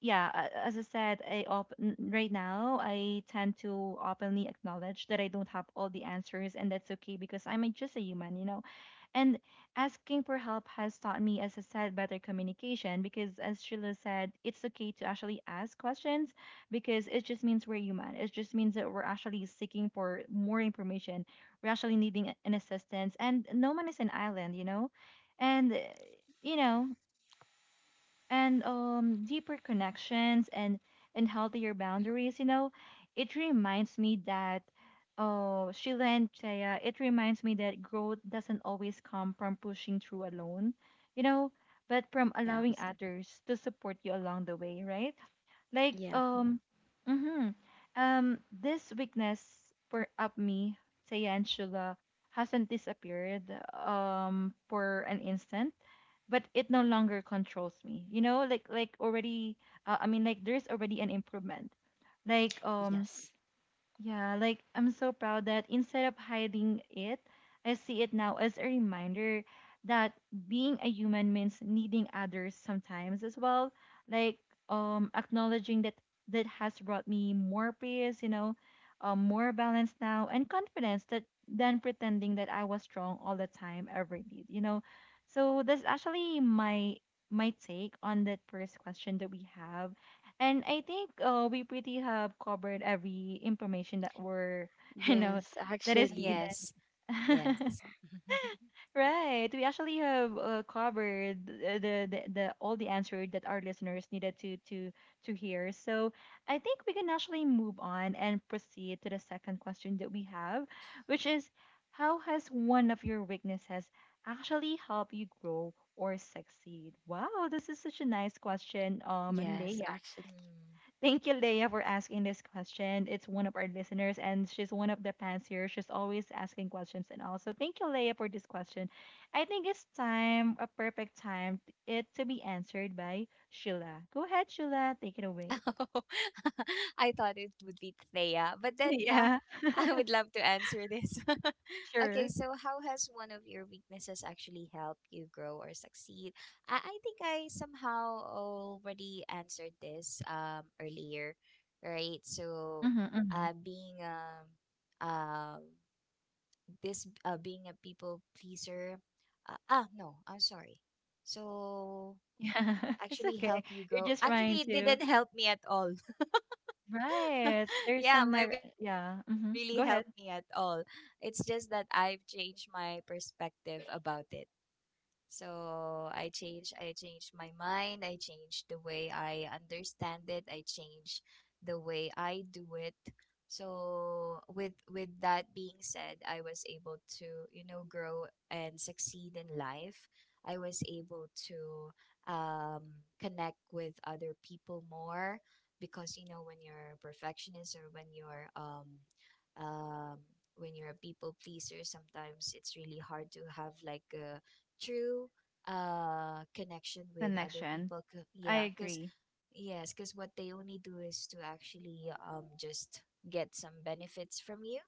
Speaker 1: Yeah, as I said, right now I tend to openly acknowledge that I don't have all the answers, and that's okay because I'm just a human, you know. And asking for help has taught me, as I said, better communication because, as Sheila said, it's okay to actually ask questions, because it just means we're human. It just means that we're actually seeking for more information. We're actually needing an assistance, and no one is an island, you know? And, you know, and deeper connections and healthier boundaries. You know, it reminds me that, oh, Sheila and Chaya, it reminds me that growth doesn't always come from pushing through alone. You know, but from
Speaker 2: Yeah.
Speaker 1: allowing others to support you along the way, right? Like
Speaker 2: Yeah.
Speaker 1: um, mm-hmm, this weakness for up me, Chaya and Sheila hasn't disappeared for an instant, but it no longer controls me, you know, like already. There's already an improvement. like um
Speaker 2: Yes.
Speaker 1: yeah, like I'm so proud that instead of hiding it, I see it now as a reminder that being a human means needing others sometimes as well. Like Acknowledging that that has brought me more peace, more balance now and confidence that than pretending that I was strong all the time ever did, So that's actually my take on that first question that we have, and I think we pretty have covered every information that were, you know,
Speaker 2: Yes,
Speaker 1: that is
Speaker 2: actually.
Speaker 1: needed.
Speaker 3: Yes. Yes.
Speaker 1: Right. We actually have covered the all the answers that our listeners needed to hear. So I think we can actually move on and proceed to the second question that we have, which is,
Speaker 3: Yes.
Speaker 1: how has one of your weaknesses actually helped you grow or succeed? Wow, this is such a nice question,
Speaker 2: Yes,
Speaker 1: Leia.
Speaker 2: actually.
Speaker 3: Mm.
Speaker 1: Thank you, Leia, for asking this question. It's one of our listeners, and she's one of the fans here. She's always asking questions, and also thank you, Leia, for this question. I think it's time, a perfect time, it to be answered by Sheila. Go ahead, Sheila, take it away.
Speaker 3: Oh, I thought it would be Thea, but then yeah,
Speaker 1: Yeah,
Speaker 3: I would love to answer this. Okay,
Speaker 1: sure.
Speaker 3: so how has one of your weaknesses actually helped you grow or succeed? I think I somehow already answered this earlier, right? So,
Speaker 1: Mm-hmm, mm-hmm.
Speaker 3: uh, being um um being a people pleaser. Ah no, I'm sorry. So
Speaker 1: Yeah, it's
Speaker 3: actually
Speaker 1: okay.
Speaker 3: help you
Speaker 1: You're
Speaker 3: grow,
Speaker 1: just
Speaker 3: actually
Speaker 1: trying
Speaker 3: it didn't
Speaker 1: to.
Speaker 3: help me at all.
Speaker 1: Right. There's
Speaker 3: Yeah,
Speaker 1: some.
Speaker 3: my
Speaker 1: Neg-
Speaker 3: weaknesses
Speaker 1: yeah.
Speaker 3: didn't
Speaker 1: Mm-hmm.
Speaker 3: really
Speaker 1: Go
Speaker 3: help
Speaker 1: ahead.
Speaker 3: me at all. It's just that I've changed my perspective about it. So I changed, i changed my mind, I changed the way I understand it, I changed the way I do it. So with that being said, I was able to, you know, grow and succeed in life. I was able to connect with other people more, because you know when you're a perfectionist, or um when you're a people pleaser, sometimes it's really hard to have like a true connection with other
Speaker 1: Connection.
Speaker 3: people.
Speaker 1: I
Speaker 3: Yeah, because
Speaker 1: agree.
Speaker 3: yes, because what they only do is to actually just get some benefits from you,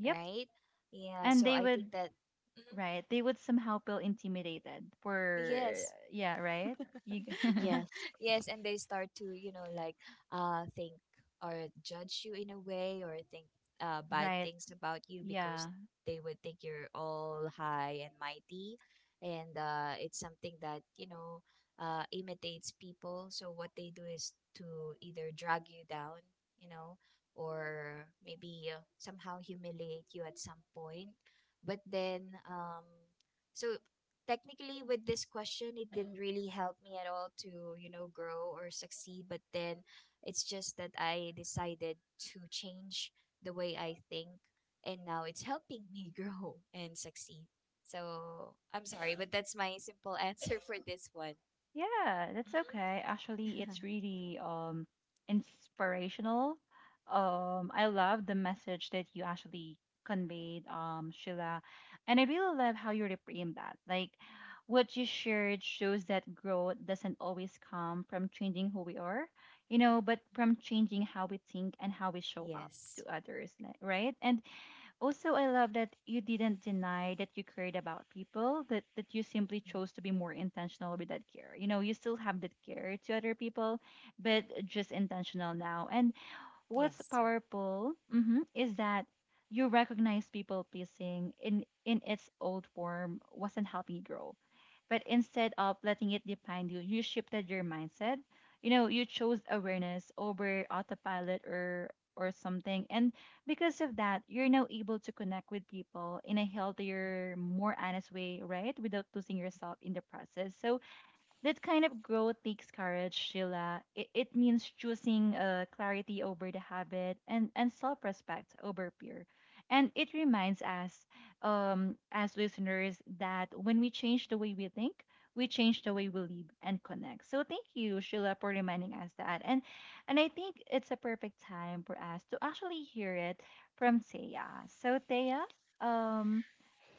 Speaker 1: Yep.
Speaker 3: right. Yeah,
Speaker 1: And
Speaker 3: so
Speaker 1: they
Speaker 3: I
Speaker 1: would.
Speaker 3: think that Mhm.
Speaker 1: Right. They would somehow feel intimidated for,
Speaker 3: Yes.
Speaker 1: yeah, right? You
Speaker 2: Yes.
Speaker 3: Yes, and they start to, you know, like think or judge you in a way, or think bad
Speaker 1: right.
Speaker 3: things about you, because
Speaker 1: Yeah.
Speaker 3: they would think you're all high and mighty. And it's something that, you know, imitates people. So what they do is to either drag you down, you know, or maybe somehow humiliate you at some point. But then so technically, with this question, it didn't really help me at all to, you know, grow or succeed. But then it's just that I decided to change the way I think, and now it's helping me grow and succeed. So I'm sorry, but that's my simple answer for this one.
Speaker 1: Yeah, that's okay. Actually, it's
Speaker 3: Mhm.
Speaker 1: really inspirational. I love the message that you actually conveyed, Sheila. And I really love how you reframed that. Like what you shared shows that growth doesn't always come from changing who we are, you know, but from changing how we think and how we show up to
Speaker 3: yes.
Speaker 1: others, like, right? And also, I love that you didn't deny that you cared about people, that, that you simply
Speaker 3: Mhm.
Speaker 1: chose to be more intentional with that care. You know, you still have that care to other people,
Speaker 3: Mhm.
Speaker 1: but just intentional now. And what's
Speaker 3: Yes.
Speaker 1: powerful, mhm, is that you recognize people pleasing in its old form wasn't helping you grow, but instead of letting it define you, you shifted your mindset. You know, you chose awareness over autopilot or something. And because of that, you're now able to connect with people in a healthier, more honest way, right, without losing yourself in the process. So that kind of growth takes courage, Sheila. It means choosing clarity over the habit, and self respect over fear. And it reminds us, as listeners, that when we change the way we think, we change the way we live and connect. So thank you, Sheila, for reminding us that. And I think it's a perfect time for us to actually hear it from Thea. So Thea, um,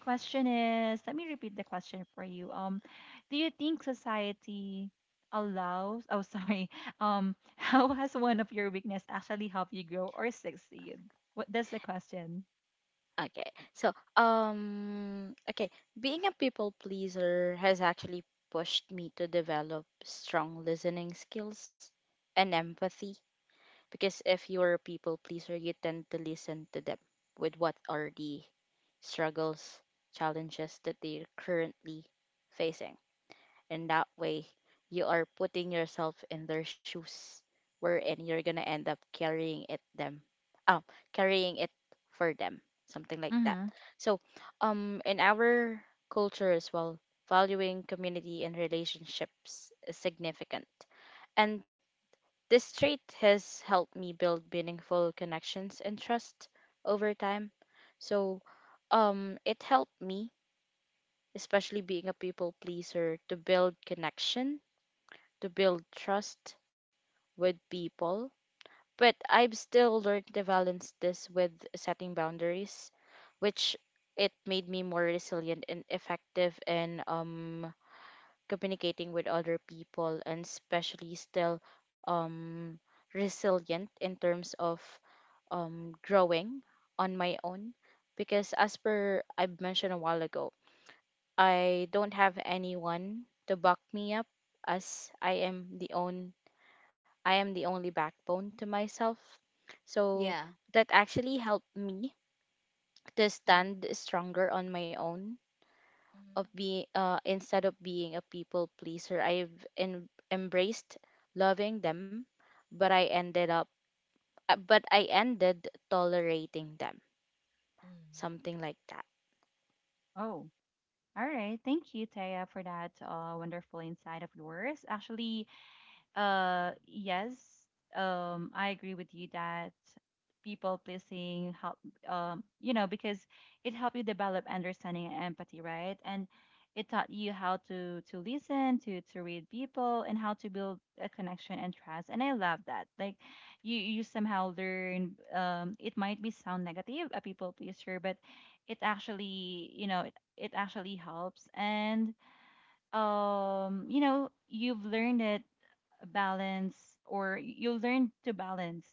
Speaker 1: question is, let me repeat the question for you. Do you think society allows, oh, sorry, how has one of your weakness actually helped you grow or succeed? What, that's the question?
Speaker 2: Okay. So, okay, being a people pleaser has actually pushed me to develop strong listening skills and empathy, because if you're a people pleaser, you tend to listen to them with what are the struggles, challenges that they're currently facing. And that way, you are putting yourself in their shoes, wherein you're gonna end up oh, carrying it for them, something like that.
Speaker 1: Mm-hmm.
Speaker 2: So, in our culture as well, valuing community and relationships is significant. And this trait has helped me build meaningful connections and trust over time. So, it helped me, especially being a people pleaser, to build connection, to build trust with people. But I've still learned to balance this with setting boundaries, which it made me more resilient and effective in communicating with other people, and especially still um resilient in terms of growing on my own, because as per I mentioned a while ago, I don't have anyone to back me up, as I am the only backbone to myself. So
Speaker 3: Yeah.
Speaker 2: that actually helped me to
Speaker 3: Mhm.
Speaker 2: stand stronger on my own.
Speaker 3: Mhm.
Speaker 2: Of being instead of being a people pleaser, I've embraced loving them, but I ended tolerating them.
Speaker 3: Mm.
Speaker 2: Something like that.
Speaker 1: Oh, all right. Thank you, Taya, for that wonderful insight of yours. Actually, yes. I agree with you that people pleasing help. You know, because it helped you develop understanding and empathy, right? And it taught you how to listen, to read people, and how to build a connection and trust. And I love that. Like, you somehow learn. It might be sound negative, a people pleaser, but it actually, you know, it actually helps. And you know you've learned that balance, or you learn to balance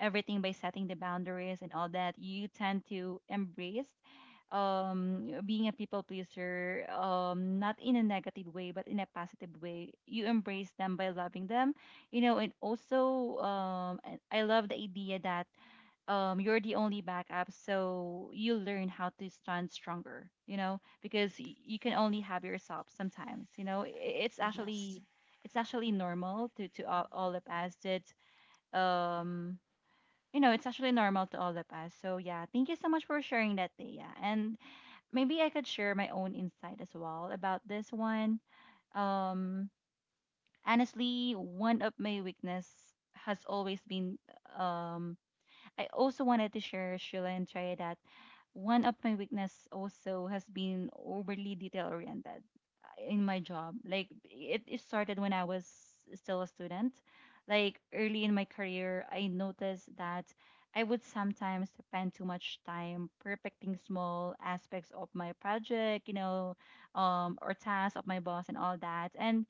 Speaker 1: everything by setting the boundaries and all that. You tend to embrace being a people pleaser, not in a negative way but in a positive way. You embrace them by loving them, you know. And also I love the idea that you're the only backup, so you learn how to stand stronger, you know, because you can only have yourself sometimes, you know. It's
Speaker 2: Yes.
Speaker 1: actually, it's actually normal to all of us that um you know, it's actually normal to all of us. So yeah, thank you so much for sharing that, Thea. And maybe I could share my own insight as well about this one. um Honestly, one of my weakness has always been um I also wanted to share, Sheila and Trey, that one of my weakness also has been overly detail oriented in my job. Like it started when I was still a student. Like early in my career, I noticed that I would sometimes spend too much time perfecting small aspects of my project, you know, or tasks of my boss and all that, and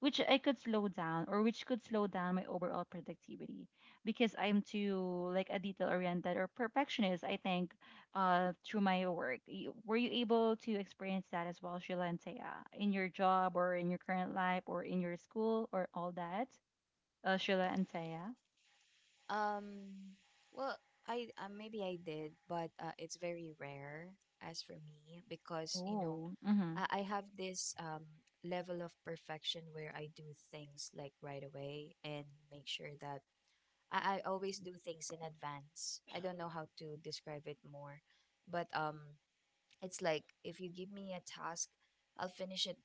Speaker 1: which I could slow down, or which could slow down my overall productivity, because I'm too like a detail oriented or perfectionist, I think, through my work. Were you able to experience that as well, Sheila and Taya, in your job or in your current life or in your school or all that? Sheila and Taya.
Speaker 3: Um, well, I maybe I did, but it's very rare as for me, because you know
Speaker 1: Oh, mm-hmm.
Speaker 3: I have this level of perfection where I do things like right away, and make sure that I always do things in advance. I don't know how to describe it more, but it's like if you give me a task, I'll finish it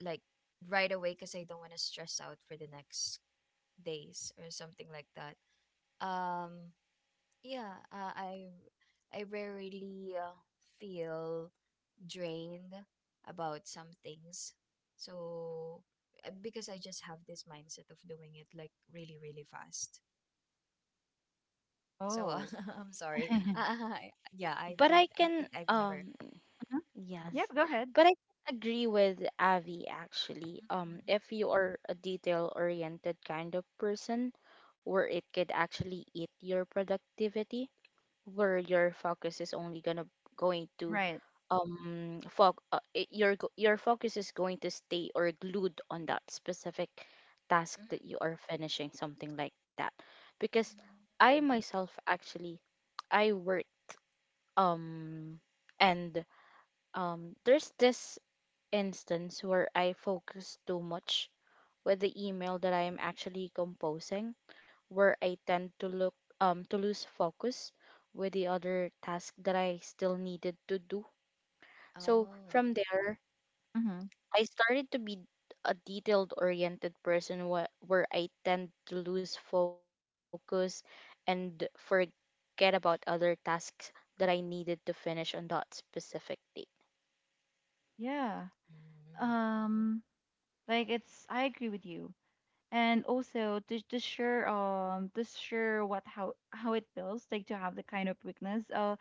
Speaker 3: like right away, because I don't want to stress out for the next days or something like that. Um, yeah, I rarely feel drained about some things. So because I just have this mindset of doing it like really really fast. So
Speaker 1: Oh,
Speaker 3: I'm sorry.
Speaker 1: mhm.
Speaker 3: I Yeah,
Speaker 2: But I
Speaker 3: I
Speaker 2: can
Speaker 3: think I've never.
Speaker 2: um, yes,
Speaker 3: Mhm.
Speaker 1: Yep, go ahead.
Speaker 2: but I agree with Avi actually.
Speaker 3: Mhm,
Speaker 2: If you are a detail-oriented kind of person, where it could actually eat your productivity, where your focus is only gonna going to
Speaker 1: Right.
Speaker 2: foc I- your go- your focus is going to stay or glued on that specific task that
Speaker 3: mhm,
Speaker 2: you are finishing, something like that. Because I
Speaker 3: mhm,
Speaker 2: myself actually I work um, and there's this instance where I focus too much with the
Speaker 3: mhm, mhm.
Speaker 2: email that I am actually composing, where I tend to look to lose focus with the other task that I still needed to do. So
Speaker 3: Oh.
Speaker 2: from there,
Speaker 1: Mm-hmm.
Speaker 2: I started to be a detailed oriented person where I tend to lose focus and forget about other tasks that I needed to finish on that specific day.
Speaker 1: Yeah.
Speaker 3: Mhm, mhm,
Speaker 1: Um, like it's I agree with you. And also to share to share what how it feels like to have the kind of weakness.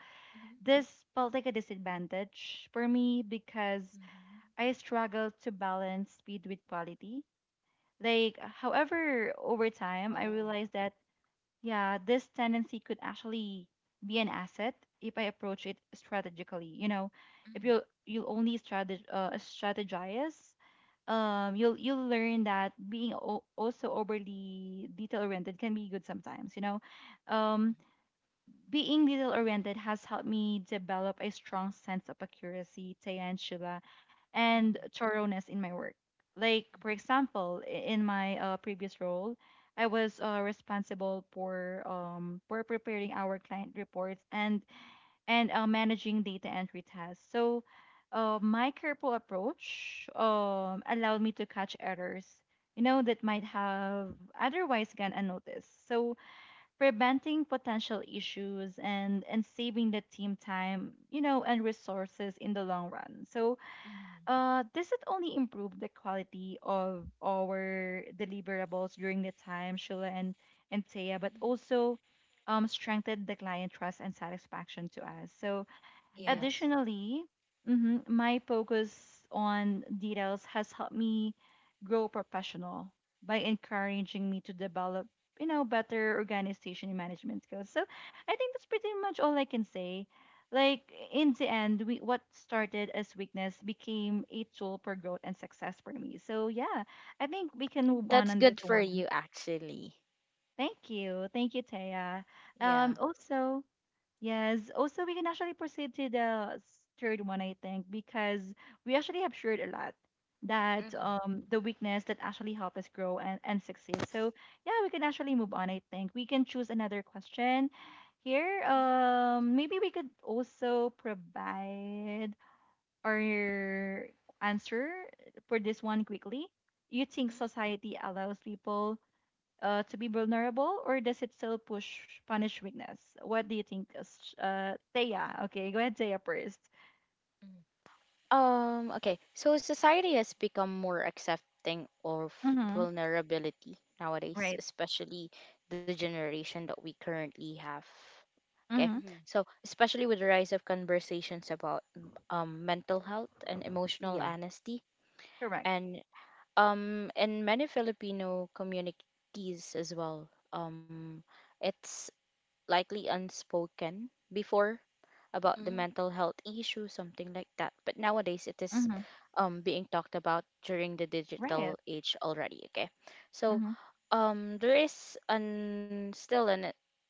Speaker 1: This felt like a disadvantage for me because
Speaker 3: mhm, mhm.
Speaker 1: I struggled to balance speed with quality. Like, however, over time, I
Speaker 3: Oh.
Speaker 1: realized that, yeah, this tendency could actually be an asset if I approach it strategically. You know, if
Speaker 3: Mhm,
Speaker 1: you only strategize, you'll learn that being also overly detail oriented can be good sometimes. You know, um,
Speaker 3: mhm,
Speaker 1: being detail oriented has helped me develop a strong sense of accuracy, Tayan, and
Speaker 3: mhm,
Speaker 1: thoroughness in my work. Like, for
Speaker 3: mhm,
Speaker 1: example, in my previous role, I was responsible for preparing our client reports and managing data entry tasks. So, my careful approach allowed me to catch errors, you know, that might have otherwise gone unnoticed. So, preventing potential issues and saving the team time, you know, and resources in the long run. So
Speaker 3: mhm,
Speaker 1: this not only improve the quality of our deliverables during the time, Shula and Taya, but
Speaker 3: mhm.
Speaker 1: also strengthened the client trust and satisfaction to us. So
Speaker 3: Yeah.
Speaker 2: Yes.
Speaker 1: additionally, mhm, my focus on details has helped me grow professional by encouraging me to develop, you know, better organization and management skills. So I think that's pretty much all I can say. Like in the end, we what started as weakness became a tool for growth and success for me. So yeah, I think we can move
Speaker 2: That's
Speaker 1: on this
Speaker 2: good for
Speaker 1: one.
Speaker 2: you actually.
Speaker 1: Thank you, Taya.
Speaker 3: Yeah.
Speaker 1: Also. Yes. Also, we can actually proceed to the third one, I think, because we actually have shared a lot that
Speaker 3: Mm-hmm.
Speaker 1: the weakness that actually help us grow and succeed. So yeah, we can actually move on, I think. We can choose another question here.
Speaker 3: Mhm,
Speaker 1: Maybe we could also provide our answer for this one quickly. You think
Speaker 3: mhm,
Speaker 1: society allows people to be vulnerable, or does it still push punish weakness? What do you think, Thea? Okay, go ahead, Thea first.
Speaker 3: mhm,
Speaker 2: Okay. So society has become more accepting of
Speaker 1: Mm-hmm.
Speaker 2: vulnerability nowadays,
Speaker 1: Right.
Speaker 2: especially the generation that we currently have. Okay.
Speaker 1: Mm-hmm.
Speaker 3: mhm.
Speaker 2: So, especially with the rise of conversations about mental health and emotional
Speaker 3: Yeah.
Speaker 2: honesty,
Speaker 1: Correct.
Speaker 2: and in many Filipino communities as well. It's likely unspoken before about the
Speaker 3: Mhm,
Speaker 2: mental health issue, something like that. But nowadays, it is
Speaker 1: Mm-hmm.
Speaker 2: being talked about during the digital
Speaker 1: Right.
Speaker 2: age already. Okay, so
Speaker 1: Mm-hmm.
Speaker 2: there is an still an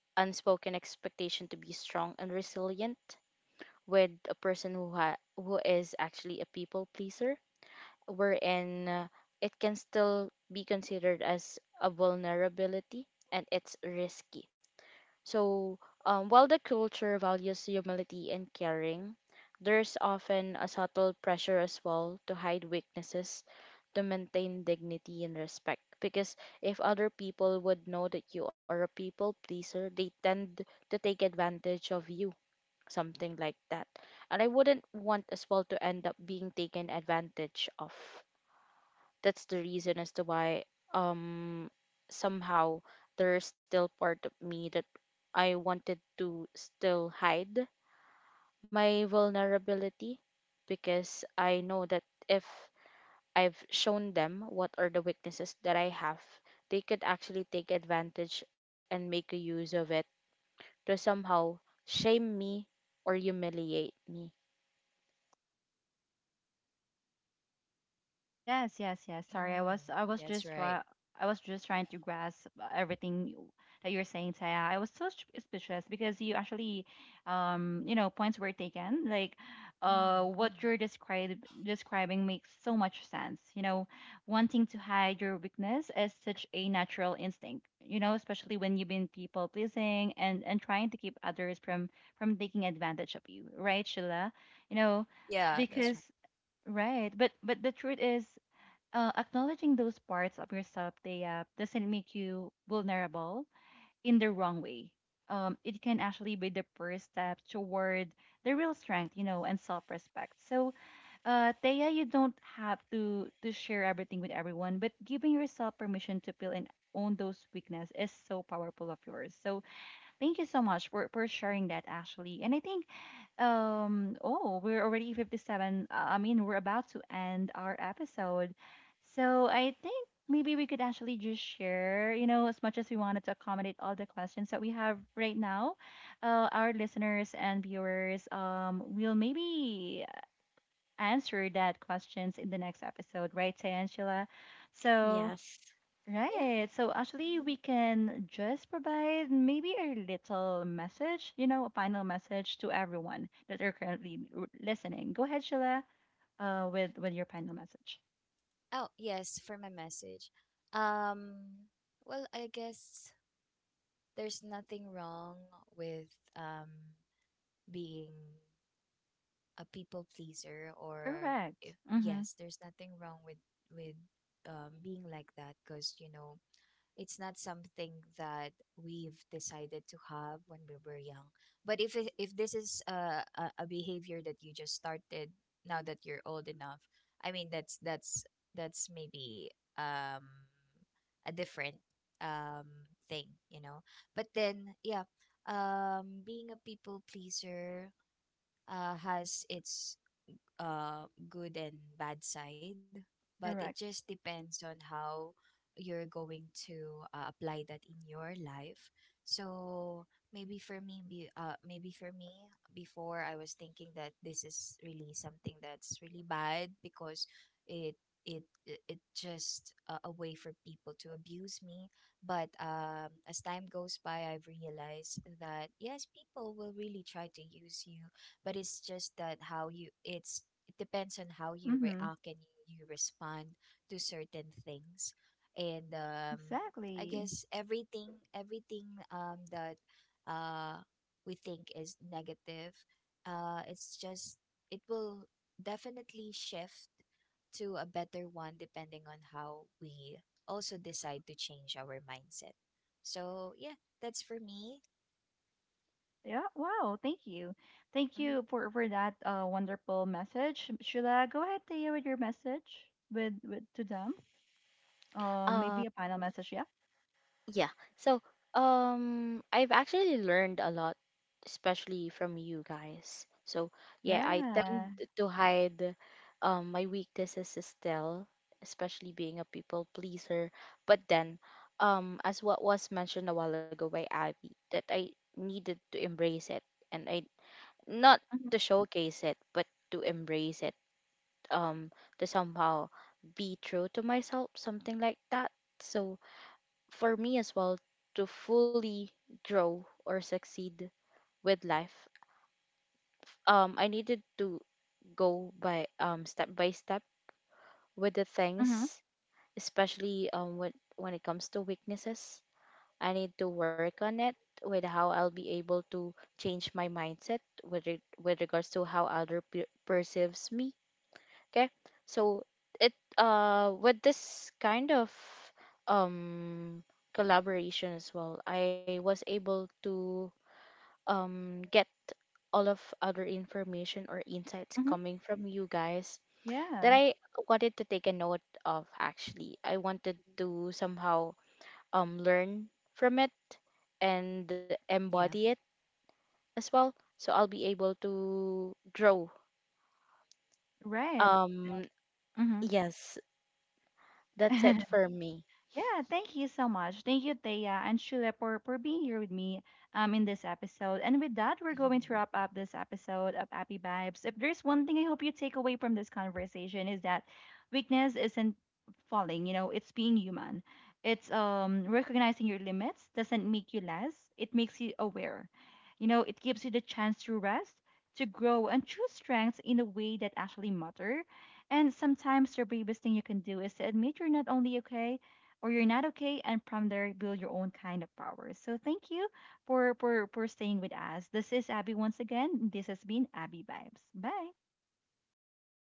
Speaker 2: unspoken expectation to be strong and resilient with a person who who is actually a people pleaser, wherein it can still be considered as a vulnerability and it's risky. So, while the culture values humility and caring, there's often a subtle pressure as well to hide weaknesses, to maintain dignity and respect. Because if other people would know that you are a people pleaser, they tend to take advantage of you, something like that. And I wouldn't want as well to end up being taken advantage of. That's the reason as to why um somehow there's still part of me that I wanted to still hide my vulnerability, because I know that if I've shown them what are the weaknesses that I have, they could actually take advantage and make a use of it to somehow shame me or humiliate me.
Speaker 1: Yes, yes, yes. Sorry,
Speaker 3: mhm.
Speaker 1: I was
Speaker 3: That's
Speaker 1: just
Speaker 3: right.
Speaker 1: try I was just trying to grasp everything that you're saying, Taya. I was so suspicious because you actually, you know, points were taken. Like,
Speaker 3: Mm.
Speaker 1: what you're describe describing makes so much sense. You know, wanting to hide your weakness is such a natural instinct. You know, especially when you've been people pleasing and trying to keep others from taking advantage of you, right, Sheila? You know,
Speaker 3: Yeah, that's right.
Speaker 1: because right. But the truth is, acknowledging those parts of yourself, they doesn't make you vulnerable in the wrong way. It can actually be the first step toward the real strength, you know, and self-respect. So Thea, you don't have to share everything with everyone, but giving yourself permission to feel and own those weakness is so powerful of yours. So thank you so much for sharing that, Ashley. And I think oh, we're already 57. I mean, we're about to end our episode. So I think maybe we could actually just share, you know, as much as we wanted to accommodate all the questions that we have right now. Our listeners and viewers will maybe answer that questions in the next episode, right, Tay Angela? So
Speaker 2: Yes.
Speaker 3: Yeah.
Speaker 1: right. So actually,
Speaker 3: Mhm.
Speaker 1: we can just provide maybe a little message, you know, a final message to everyone that are currently listening. Go ahead, Sheila, with your final message.
Speaker 3: Oh, yes, for my message. Um, well, I guess there's nothing wrong with um being a people pleaser, or if
Speaker 1: Correct. Mm-hmm.
Speaker 3: yes, there's nothing wrong with with being like that, because you know it's not something that we've decided to have when we were young. But if if this is a a behavior that you just started now that you're old enough, I mean that's that's maybe um a different um thing, you know. But then yeah, being a people pleaser has its good and bad side, but it just
Speaker 1: Correct.
Speaker 3: depends on how you're going to apply that in your life. So maybe for me, before I was thinking that this is really something that's really bad, because it it just a way for people to abuse me. But as time goes by, I've realized that yes, people will really try to use you, but it's just that how you it's it depends on how you
Speaker 1: Mm-hmm.
Speaker 3: react and you respond to certain things. And
Speaker 1: Exactly.
Speaker 3: everything, everything that uh we think is negative, it's just it will definitely shift to a better one, depending on how we also decide to change our mindset. So yeah, that's for me.
Speaker 1: Yeah. Wow. Thank you. Thank
Speaker 3: Hmm.
Speaker 1: you for that wonderful message, Sheila. Go ahead, Thea, with your message with to them.
Speaker 2: Um,
Speaker 1: Maybe a final message. Yeah.
Speaker 2: yeah. So, I've actually learned a lot, especially from you guys. So, yeah, I
Speaker 1: Yeah.
Speaker 2: tend to hide my weaknesses is still, especially being a people pleaser. But then, as what was mentioned a while ago by Abby, that I needed to embrace it, and I, not
Speaker 1: Mm-hmm.
Speaker 2: to showcase it, but to embrace it, um, to somehow be true to myself, something like that. So, for me as well to fully grow or succeed with life, I needed to go by step by step with the things, especially when it comes to weaknesses, I need to work on it with how I'll be able to change my mindset with regards to how other perceives me. Okay. So it uh, with this kind of um collaboration as well, I was able to get all of other information or insights
Speaker 1: Mm-hmm.
Speaker 2: coming from you guys that
Speaker 1: Yeah.
Speaker 2: I wanted to take a note of actually. I wanted to somehow learn from it and embody
Speaker 3: Yeah.
Speaker 2: it as well, so I'll be able to grow.
Speaker 1: Right.
Speaker 2: Um,
Speaker 1: Mm-hmm.
Speaker 2: yes, that's it for me.
Speaker 1: Yeah, thank you so much. Thank you, Thea and Shula, for being here with me in this episode. And with that, we're going to wrap up this episode of Happy Vibes. If there's one thing I hope you take away from this conversation is that weakness isn't falling, you know, it's being human. It's recognizing your limits doesn't make you less, it makes you aware. You know, it gives you the chance to rest, to grow and choose strengths in a way that actually matter. And sometimes the bravest thing you can do is to admit you're not only okay, or you're not okay, and from there build your own kind of power. So thank you for staying with us. This is Abby once again. This has been Abby Vibes. Bye.
Speaker 3: Bye.